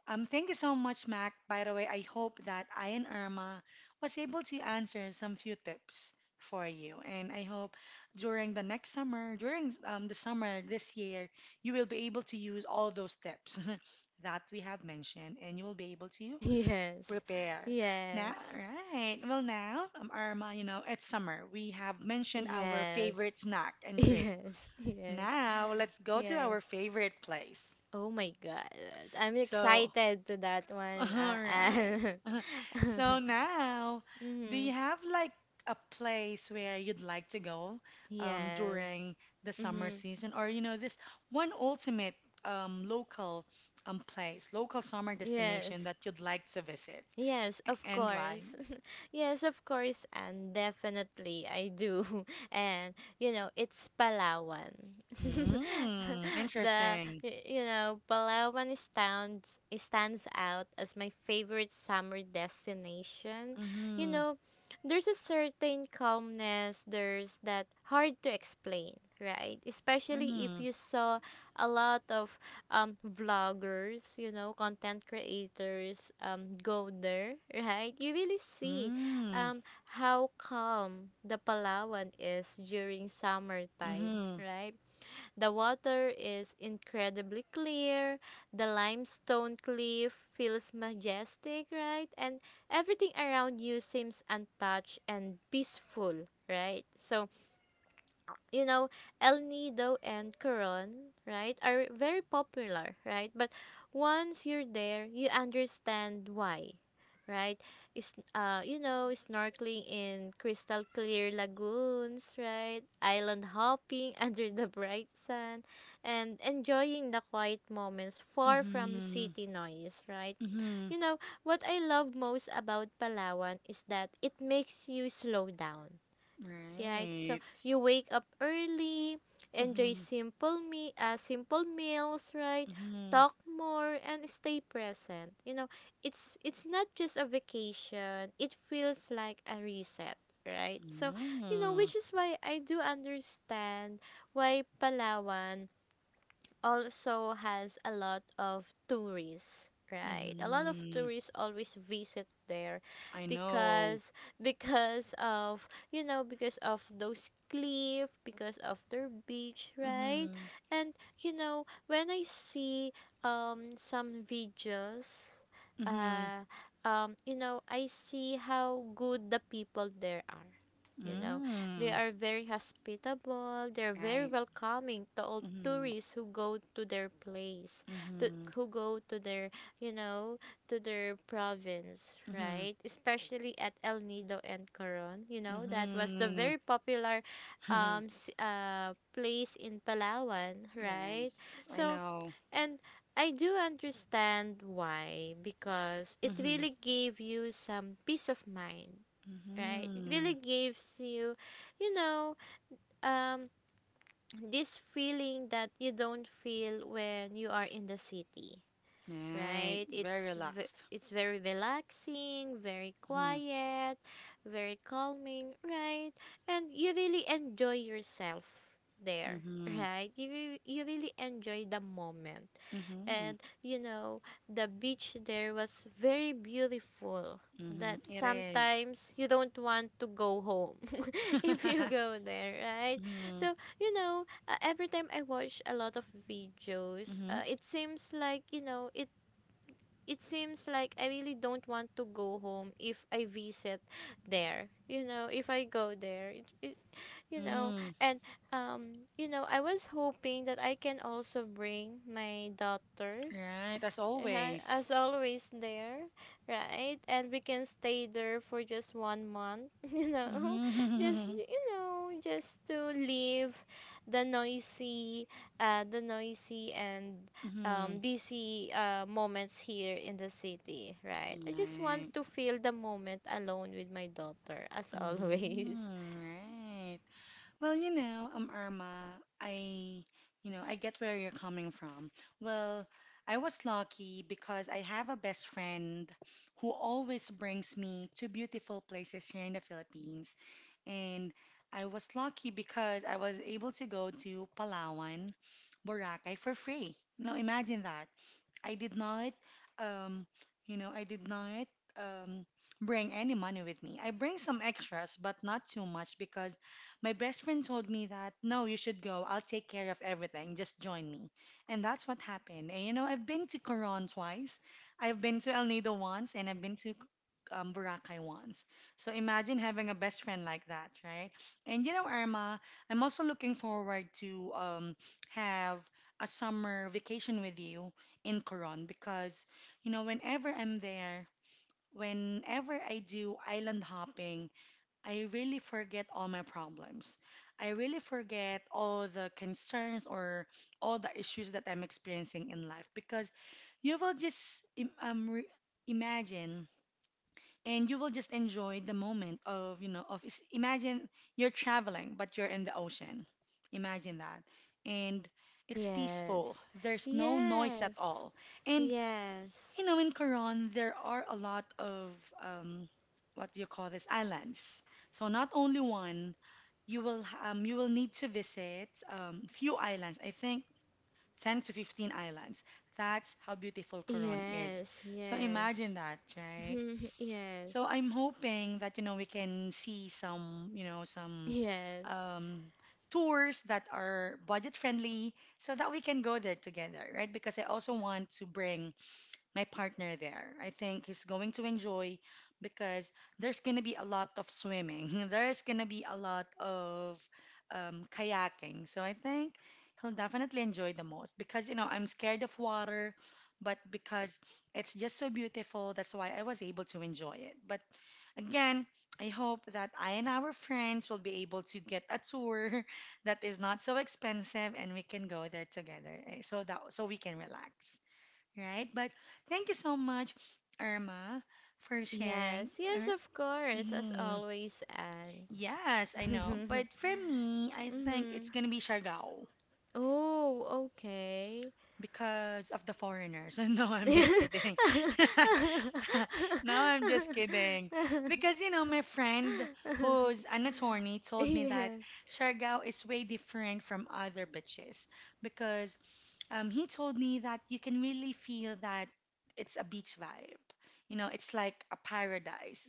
S1: thank you so much, Mac. By the way, I hope that I and Irma was able to answer some few tips for you. And I hope during the next summer, during the summer this year, you will be able to use all those tips that we have mentioned and you will be able to
S2: Yes,
S1: prepare. Now,
S2: yes,
S1: right. Well, now, Irma, you know, it's summer. We have mentioned our
S2: yes,
S1: favorite snack and treat.
S2: yes, yes,
S1: Now, let's go to
S2: yes.
S1: our favorite place.
S2: Oh my god, I'm
S1: So,
S2: excited to that one.
S1: All right. So now, do
S2: Mm-hmm.
S1: you have like a place where you'd like to go
S2: Yes.
S1: during the summer
S2: Mm-hmm.
S1: season, or you know, this one ultimate um, local local summer
S2: Yes.
S1: destination that you'd like to visit,
S2: Yes, of
S1: And why?
S2: course. Yes, of course, and definitely I do. And you know, it's Palawan.
S1: Mm,
S2: The
S1: interesting.
S2: y- you know, Palawan stands it stands out as my favorite summer destination. You
S1: Mm-hmm.
S2: know, there's a certain calmness, there's that hard to explain, right? Especially if
S1: Mm,
S2: you saw a lot of vloggers, you know, content creators go there, right? You really see
S1: mm,
S2: how calm the Palawan is during summertime,
S1: mm-hmm.
S2: right? The water is incredibly clear, the limestone cliff feels majestic, right? And everything around you seems untouched and peaceful, right? So you know, El Nido and Coron, right, are very popular, right? But once you're there, you understand why, right? Is you know, snorkeling in crystal clear lagoons, right? Island hopping under the bright sun, and enjoying the quiet moments far from
S1: Mm-hmm.
S2: city noise, right?
S1: Mm-hmm.
S2: You know, what I love most about Palawan is that it makes you slow down. Yeah, it- so
S1: Right.
S2: you wake up early, enjoy
S1: Mm-hmm.
S2: simple meals, right?
S1: Mm-hmm.
S2: Talk more and stay present. You know, it's not just a vacation. It feels like a reset, right? So, you know,
S1: Mm.
S2: which is why I do understand why Palawan also has a lot of tourists, right? A lot of
S1: Mm-hmm.
S2: tourists always visit there,
S1: I know.
S2: because because of you know because of those cliff, because of their beach, right?
S1: Mm-hmm.
S2: And you know when I see some videos
S1: Mm-hmm.
S2: uh you know I see how good the people there are. You know, they
S1: Mm.
S2: are very hospitable. They're very
S1: Right.
S2: welcoming to all
S1: Mm-hmm.
S2: tourists who go to their place, to,
S1: Mm-hmm.
S2: who go to their, you know, to their province,
S1: Mm-hmm.
S2: right? Especially at El Nido and Coron. You know, that was the
S1: Mm-hmm.
S2: very popular place in Palawan, right?
S1: Yes, I
S2: So,
S1: know.
S2: and I do understand why, because it
S1: Mm-hmm.
S2: really gave you some peace of mind, right? It
S1: Mm-hmm.
S2: really gives you you know um this feeling that you don't feel when you are in the city,
S1: Right.
S2: right?
S1: Very
S2: It's ve-
S1: relaxed.
S2: it's very relaxing, very
S1: Mm-hmm.
S2: quiet, very calming, right? And you really enjoy yourself there.
S1: Mm-hmm.
S2: Right, you re- you really enjoy the moment.
S1: Mm-hmm.
S2: And you know the beach there was very beautiful,
S1: Mm-hmm.
S2: that
S1: It is.
S2: sometimes you don't want to go home if you go there, right?
S1: Mm-hmm.
S2: So you know, every time I watch a lot of videos,
S1: Mm-hmm.
S2: it seems like you know it seems like I really don't want to go home if I visit there, you know, if I go there, you know.
S1: Mm-hmm.
S2: And you know, I was hoping that I can also bring my daughter.
S1: Right, as
S2: Right, as
S1: always.
S2: always there, right? And we can stay there for just 1 month,
S1: Mm-hmm.
S2: you know, just to leave the noisy, the noisy and
S1: Mm-hmm.
S2: busy moments here in the city, right? I just want
S1: Right.
S2: to feel the moment alone with my daughter, as always.
S1: Mm-hmm, right. Well, you know, Irma, you know, I get where you're coming from. Well, I was lucky because I have a best friend who always brings me to beautiful places here in the Philippines. And I was lucky because I was able to go to Palawan, Boracay for free. Now imagine that. I did not, um, you know, I did not um, bring any money with me. I bring some extras, but not too much because my best friend told me that, no, you should go. I'll take care of everything. Just join me. And that's what happened. And you know, I've been to Coron twice, I've been to El Nido once, and I've been to Boracay once. So imagine having a best friend like that, right? And you know, Irma, I'm also looking forward to have a summer vacation with you in Coron because, you know, whenever I'm there, whenever I do island hopping, I really forget all my problems. I really forget all the concerns or all the issues that I'm experiencing in life because you will just imagine and you will just enjoy the moment of, you know, of imagine you're traveling but you're in the ocean. Imagine that. And it's peaceful.
S2: Yes,
S1: There's no noise at
S2: yes,
S1: all. And
S2: yes,
S1: you know, in Coron, there are a lot of um, what do you call this? Islands. So not only one, you will need to visit few islands. I think 10 to 15 islands. That's how beautiful Coron is.
S2: yes,
S1: So
S2: yes,
S1: imagine that, right? So
S2: yes.
S1: I'm hoping that you know we can see some, you know, some
S2: Yes.
S1: um, tours that are budget friendly so that we can go there together, right? Because I also want to bring my partner there. I think he's going to enjoy because there's going to be a lot of swimming. There's going to be a lot of kayaking. So I think he'll definitely enjoy the most because, you know, I'm scared of water, but because it's just so beautiful, that's why I was able to enjoy it. But again, I hope that I and our friends will be able to get a tour that is not so expensive and we can go there together so that we can relax, right? But thank you so much, Irma, for sharing.
S2: Yes. Yes, of course, as
S1: Mhm.
S2: always, Anne.
S1: Yes, I know. But for me, I think
S2: mm-hmm.
S1: it's gonna be Siargao
S2: Oh, okay.
S1: because of the foreigners. No, I'm just kidding. No, I'm just kidding. Because, you know, my friend who's an attorney told me that Siargao is way different from other beaches because he told me that you can really feel that it's a beach vibe. You know, it's like a paradise.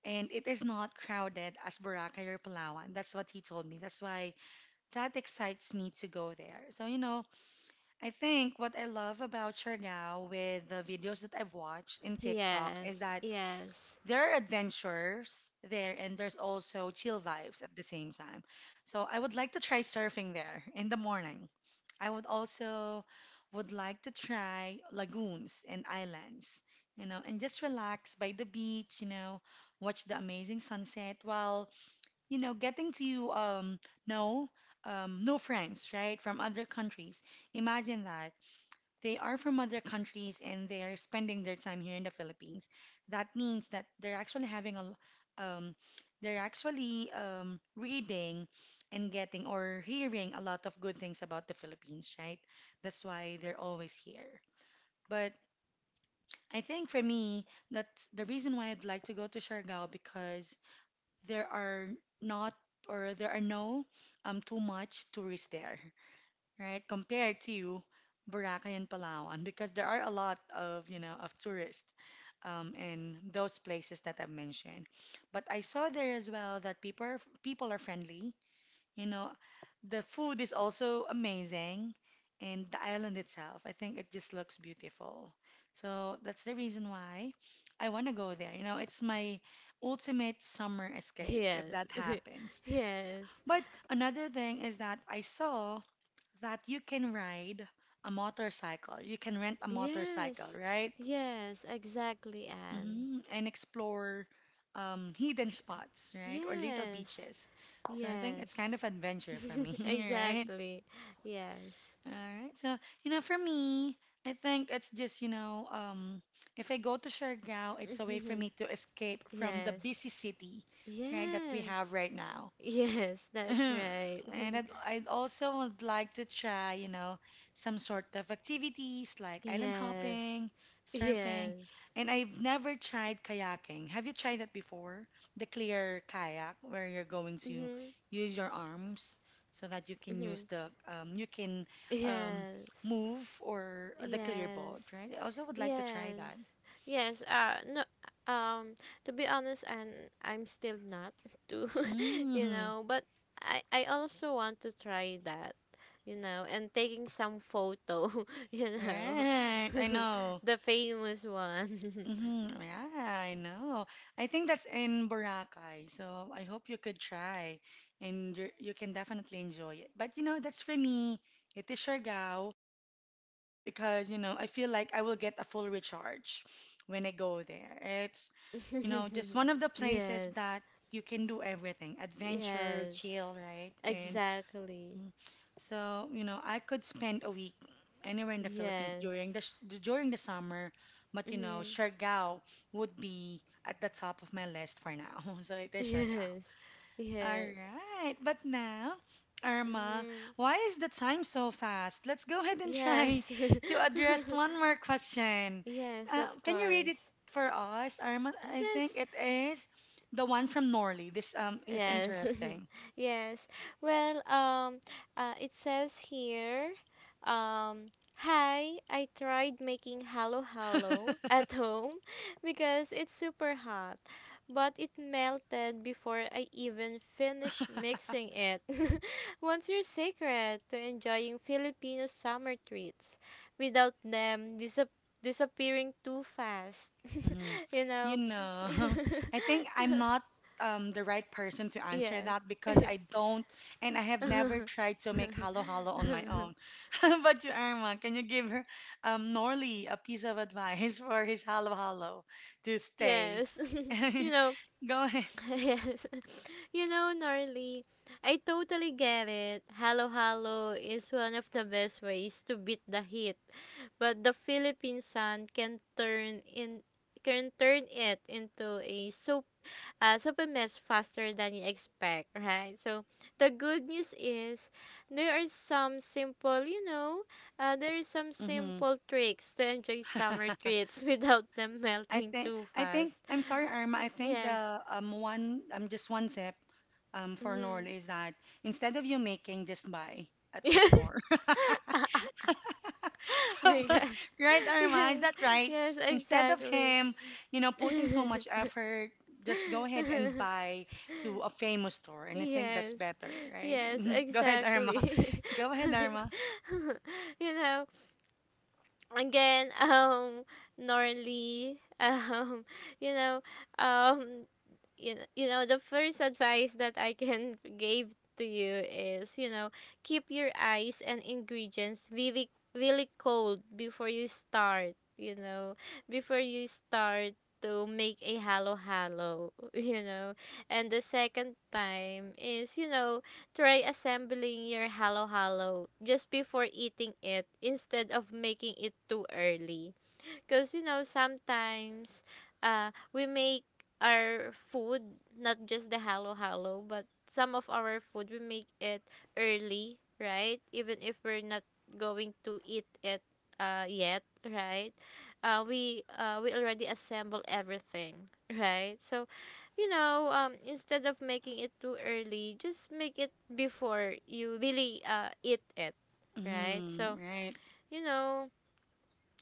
S1: And it is not crowded as Boracay or Palawan. That's what he told me. That's why that excites me to go there. So, you know, I think what I love about Siargao with the videos that I've watched in
S2: Yeah.
S1: TikTok is
S2: Yes.
S1: that
S2: Yes.
S1: there are adventures there and there's also chill vibes at the same time. So I would like to try surfing there in the morning. I would also would like to try lagoons and islands, you know, and just relax by the beach, you know, watch the amazing sunset while, you know, getting to know new friends, right, from other countries. Imagine that. They are from other countries and they are spending their time here in the Philippines. That means that they're actually um, they're actually reading and getting or hearing a lot of good things about the Philippines, right? That's why they're always here. But I think for me, that's the reason why I'd like to go to Siargao because there are not there are no too much tourists there, right? Compared to Boracay and Palawan, because there are a lot of, you know, of tourists in those places that I've mentioned. But I saw there as well that people are friendly. You know, the food is also amazing, and the island itself, I think it just looks beautiful. So that's the reason why I want to go there. You know, it's my ultimate summer escape if
S2: Yes.
S1: that happens.
S2: yes.
S1: But another thing is that I saw that you can ride a motorcycle. You can rent a motorcycle,
S2: Yes.
S1: right?
S2: Yes, exactly, Anne.
S1: And explore hidden
S2: Sh-
S1: spots, right? Or little
S2: Yes.
S1: beaches. So I think it's kind
S2: Yes.
S1: of adventure for me, right?
S2: exactly. Yes.
S1: All right. So, you know, for me, I think it's just, you know, if I go to Siargao, it's a way for me to escape from the
S2: yes.
S1: busy city, right, that we
S2: Yes.
S1: have right now.
S2: Yes, that's right.
S1: And I'd also would like to try, you know, some sort of activities like island
S2: Yes.
S1: hopping, surfing,
S2: Yes.
S1: and I've never tried kayaking. Have you tried that before? The clear kayak where you're going to
S2: Mhm.
S1: use your arms so that
S2: Mhm.
S1: you can um,
S2: Yes.
S1: move or the clear boat,
S2: Yes.
S1: right? I also would like to try that.
S2: Yes. Yes. No, um to be honest, and I'm still not too, you
S1: hmm
S2: know, but I also want to try that, you know, and taking some photo, you know.
S1: Right, I know.
S2: The famous one.
S1: Yeah, I know. I think that's in Boracay. So I hope you could try and you can definitely enjoy it. But you know, that's for me. It is Siargao because, you know, I feel like I will get a full recharge when I go there. It's, you know, just one of the places
S2: Yes.
S1: that you can do everything, adventure,
S2: Yes.
S1: chill, right? And
S2: Exactly.
S1: Mm. So, you know, I could spend a week anywhere in the Philippines
S2: Yes.
S1: during the during the summer, but you know,
S2: Mhm.
S1: Siargao would be at the top of my list for now. So it is Siargao.
S2: Yes.
S1: All
S2: Yes.
S1: right, but now, Irma,
S2: Mhm.
S1: why is the time so fast? Let's go ahead and try
S2: Yes.
S1: to address one more question.
S2: yes, of
S1: Can you read it
S2: course.
S1: for us, Irma? I think
S2: Yes,
S1: it is the one from Norley. This is
S2: yes.
S1: interesting.
S2: Yes. Well, it says here, hi, I tried making halo halo at home because it's super hot, but it melted before I even finished mixing it. What's your secret to enjoying Filipino summer treats without them disappearing too fast?
S1: Hmm.
S2: You
S1: You
S2: know?
S1: know, I think I'm not the right person to answer
S2: Yes.
S1: that because I don't and I have never tried to make halo halo on my own. How about you, Irma? Can you give her Norley a piece of advice for his halo halo to stay?
S2: Yes. You know.
S1: Go ahead.
S2: Yes. You know, Norley. I totally get it. Halo halo is one of the best ways to beat the heat, but the Philippine sun can turn in can turn it into a soupy mess faster than you expect, right? So the good news is there are some simple, you know, there are some
S1: hmm
S2: simple tricks to enjoy summer treats without them
S1: I
S2: melting
S1: think
S2: too
S1: I think
S2: fast.
S1: I'm sorry, Irma. I think
S2: Yes.
S1: the one tip for
S2: Mm-hmm.
S1: Norley is that instead of you making, just buy at the store.
S2: my god.
S1: Right, Irma? Is
S2: Yes,
S1: that right?
S2: yes,
S1: Instead of
S2: exactly.
S1: him, you know, putting so much effort, just go ahead and buy to a famous store. And I think that's
S2: yes,
S1: better, right?
S2: yes,
S1: Go ahead,
S2: exactly.
S1: Irma. Go
S2: So,
S1: ahead, Irma.
S2: you know, again, Norley, you know, um, you know, you know the first advice that I can give to you is, you know, keep your eyes and ingredients really really cold before you start, you know, before you start to make a halo halo, you know, and the second time is, you know, try assembling your halo halo just before eating it instead of making it too early, because, you know, sometimes we make our food, not just the halo halo, but some of our food, we make it early, right? Even if we're not going to eat it yet, right? We we already assemble everything, right? So, you know, instead of making it too early, just make it before you really eat it, right?
S1: Mm,
S2: So,
S1: right.
S2: you know,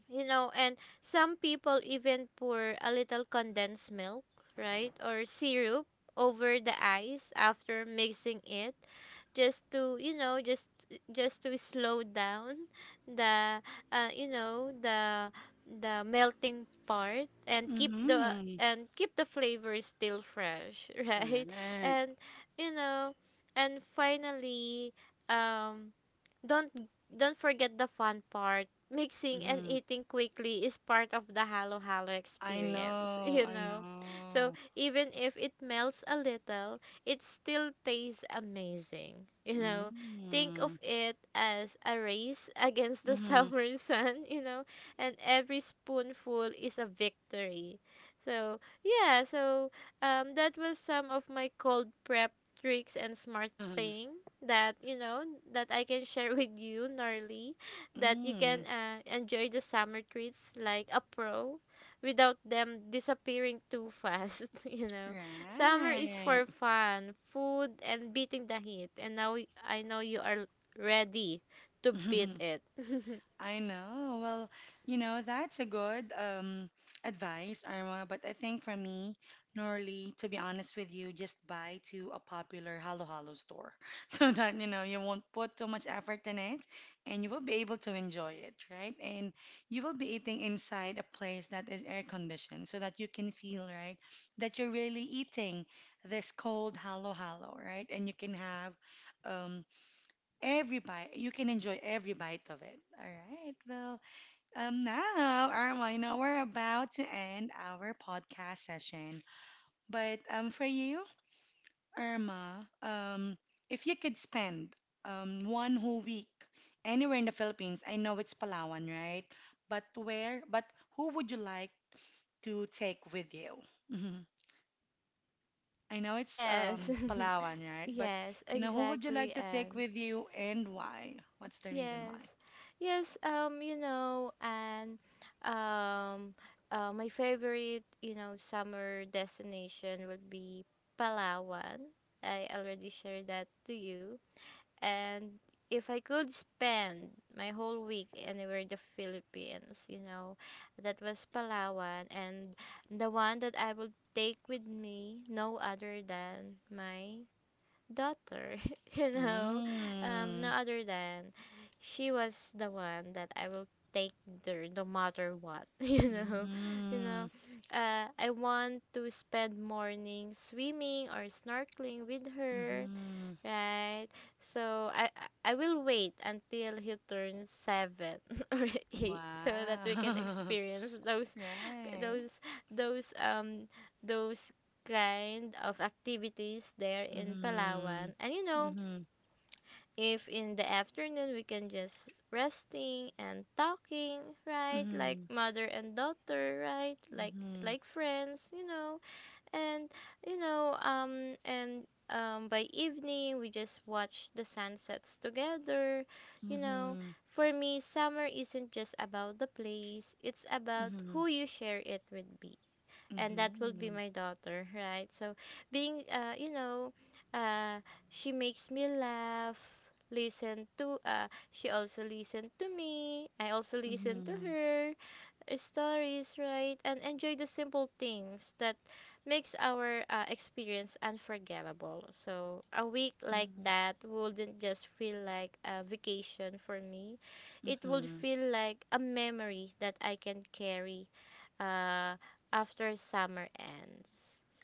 S2: you know, and some people even pour a little condensed milk, right, or syrup over the ice after mixing it, just to, you know, just to slow down the you know, the melting part, and
S1: Mm-hmm.
S2: keep the flavor still fresh, right.
S1: Correct.
S2: And, you know, and finally, um don't don't forget the fun part. Mixing and
S1: Mm-hmm.
S2: eating quickly is part of the halo halo
S1: I
S2: experience,
S1: know,
S2: you
S1: I
S2: know.
S1: know.
S2: So even if it melts a little, it still tastes amazing, you know. Think
S1: Mm-hmm.
S2: of it as a race against the summer sun, you know, and every spoonful is a victory. So, yeah, so that was some of my cold prep tricks and smart
S1: Mm-hmm.
S2: thing that, you know, that I can share with you, Norly, that you can
S1: Mm,
S2: enjoy the summer treats like a pro without them disappearing too fast, you know. Summer is
S1: right.
S2: for fun, food and beating the heat. And now I know you are ready to beat it.
S1: I know. Well, you know, that's a good advice, Irma. But I think for me, Norly, to be honest with you, just buy to a popular Halo Halo store so that, you know, you won't put too much effort in it and you will be able to enjoy it, right? And you will be eating inside a place that is air conditioned so that you can feel, right, that you're really eating this cold Halo Halo, right? And you can have um, every bite, you can enjoy every bite of it. All right. Well, now, Arma, now we're about to end our podcast session. But for you, Irma, if you could spend one whole week anywhere in the Philippines, I know it's Palawan, right? But where? But who would you like to take with you? hmm I know it's
S2: Yes.
S1: Palawan, right? But
S2: Yes,
S1: you know, who would you
S2: exactly,
S1: like to take
S2: and
S1: with you and why? What's the reason
S2: yes.
S1: why?
S2: Yes, you know, and um, my favorite, you know, summer destination would be Palawan. I already shared that to you. And if I could spend my whole week anywhere in the Philippines, you know, that was Palawan. And the one that I would take with me, no other than my daughter, you know, no
S1: Mm.
S2: other than, she was the one that I will take there no matter what, you
S1: Mm.
S2: know, I want to spend morning swimming or snorkeling with her,
S1: Mhm.
S2: right? So I will wait until he turns seven or eight, so that we can
S1: Wow.
S2: experience those
S1: Right.
S2: those those um those kind of activities there in
S1: Mhm.
S2: Palawan. And, you know,
S1: Mhm.
S2: if in the afternoon we can just resting and talking, right? Like
S1: Mhm.
S2: mother and daughter, right?
S1: Mhm.
S2: Like friends, you know, and, you know, and by evening we just watch the sunsets together, you know.
S1: Mhm.
S2: For me summer isn't just about the place, it's about
S1: Mhm.
S2: who you share it with, be and that will be
S1: Mhm.
S2: my daughter, right? So being, you know, uh she makes me laugh, listen to she also listen to me, I also listen to
S1: Mhm.
S2: her stories, right? And enjoy the simple things that makes our experience unforgettable. So a week like
S1: Mhm.
S2: that wouldn't just feel like a vacation for me. It would
S1: Mhm.
S2: feel like a memory that I can carry uh, after summer ends.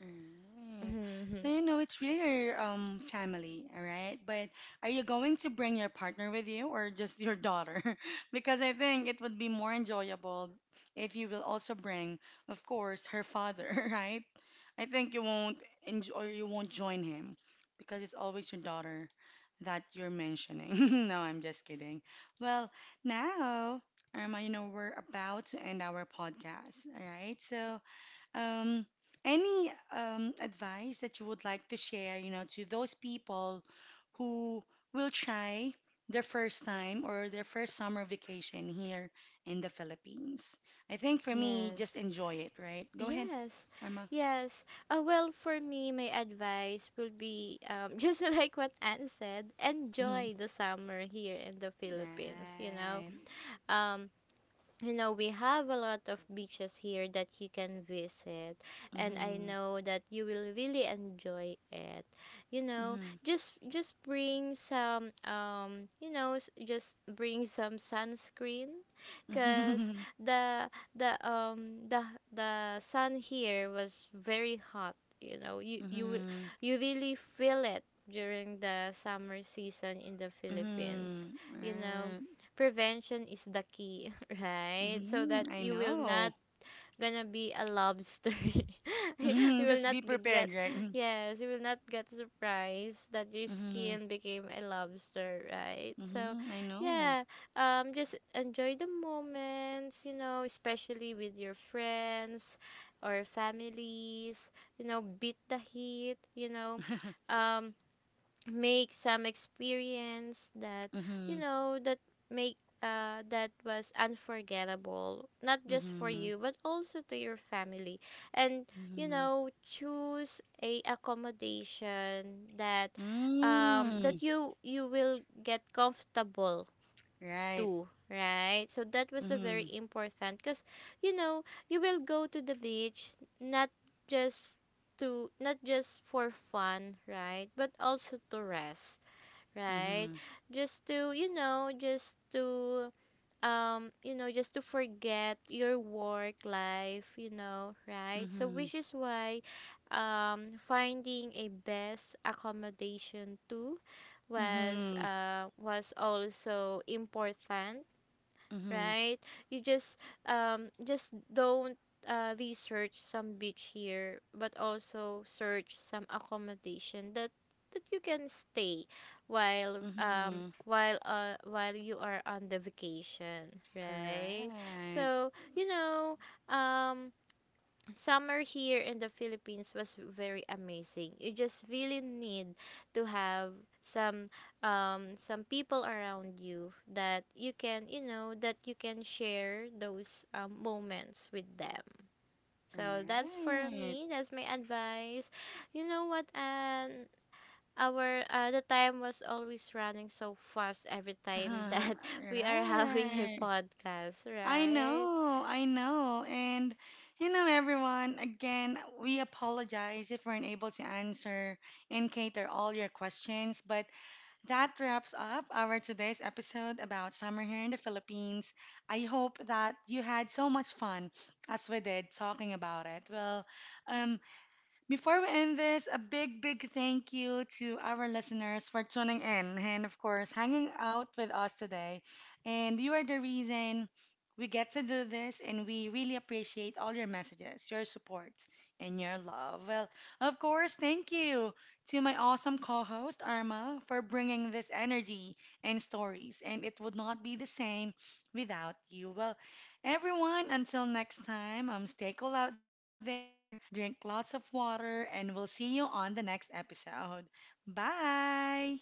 S1: Alright. So you know it's really your family, all right? But are you going to bring your partner with you or just your daughter? Because I think it would be more enjoyable if you will also bring, of course, her father, right? I think you won't enjoy or you won't join him because it's always your daughter that you're mentioning. No, I'm just kidding. Well, now, Irma, you know we're about to end our podcast, all right? So um, any advice that you would like to share, you know, to those people who will try their first time or their first summer vacation here in the Philippines? I think for me, just
S2: Yes.
S1: enjoy it, right? Go ahead,
S2: Yes,
S1: Arma.
S2: yes. Well, for me, my advice will be, just like what Anne said,
S1: Mm-hmm.
S2: enjoy the summer here in the Philippines. You know,
S1: Right.
S2: um, you know, we have a lot of beaches here that you can visit, and I
S1: Mm-hmm.
S2: know that you will really enjoy it, you know.
S1: Mm-hmm.
S2: Just bring some, you know, s- just bring some sunscreen, because the the um the the sun here was very hot, you know.
S1: Mm-hmm.
S2: You really feel it during the summer season in the Philippines,
S1: Mm-hmm. Mm-hmm.
S2: you know.
S1: Right.
S2: Prevention is the key, right? So
S1: Mm-hmm.
S2: that
S1: I
S2: you will not
S1: know.
S2: gonna be a lobster. You will
S1: Just
S2: not
S1: be prepared,
S2: get,
S1: right?
S2: yes, you will not get surprised that your
S1: Mm-hmm.
S2: skin became a lobster, right? So,
S1: Mm-hmm. I know.
S2: yeah, just enjoy the moments, you know, especially with your friends or families, you know, beat the heat, you know. Um Make some experience that, you
S1: Mm-hmm.
S2: know, that make that was unforgettable, not just for
S1: Mm-hmm.
S2: you but also to your family. And, you
S1: Mm-hmm.
S2: know, choose a accommodation that, that
S1: Mm.
S2: you will get comfortable
S1: Right.
S2: too, right? So that was a very
S1: Mm-hmm.
S2: important, because, you know, you will go to the beach, not just to not just for fun, right, but also to rest, right?
S1: Mm-hmm.
S2: Just to, you know, just to, you know, just to forget your work life, you know, right? So
S1: Mm-hmm.
S2: which is why finding a best accommodation too was,
S1: Mm-hmm.
S2: was also important,
S1: Mm-hmm.
S2: right? You just don't, research some beach here, but also search some accommodation that that you can stay,
S1: Mm-hmm.
S2: while you are on the vacation, right?
S1: Correct.
S2: So, you know, um summer here in the Philippines was very amazing. You just really need to have some, some people around you that you can, you know, that you can share those, moments with them. So that's for
S1: Right.
S2: me. That's my advice. You know what? And our, the time was always running so fast every
S1: Uh
S2: time
S1: huh.
S2: that we are having a
S1: Right.
S2: podcast,
S1: I
S2: right?
S1: know. I know. And you know, everyone, again, we apologize if we're unable to answer and cater all your questions, but that wraps up our today's episode about summer here in the Philippines. I hope that you had so much fun as we did talking about it. Well, um, before we end this, a big, big thank you to our listeners for tuning in and, of course, hanging out with us today. And you are the reason we get to do this, and we really appreciate all your messages, your support, and your love. Well, of course, thank you to my awesome co host, Arma, for bringing this energy and stories. And it would not be the same without you. Well, everyone, until next time, stay cool out there. Drink lots of water, and we'll see you on the next episode. Bye!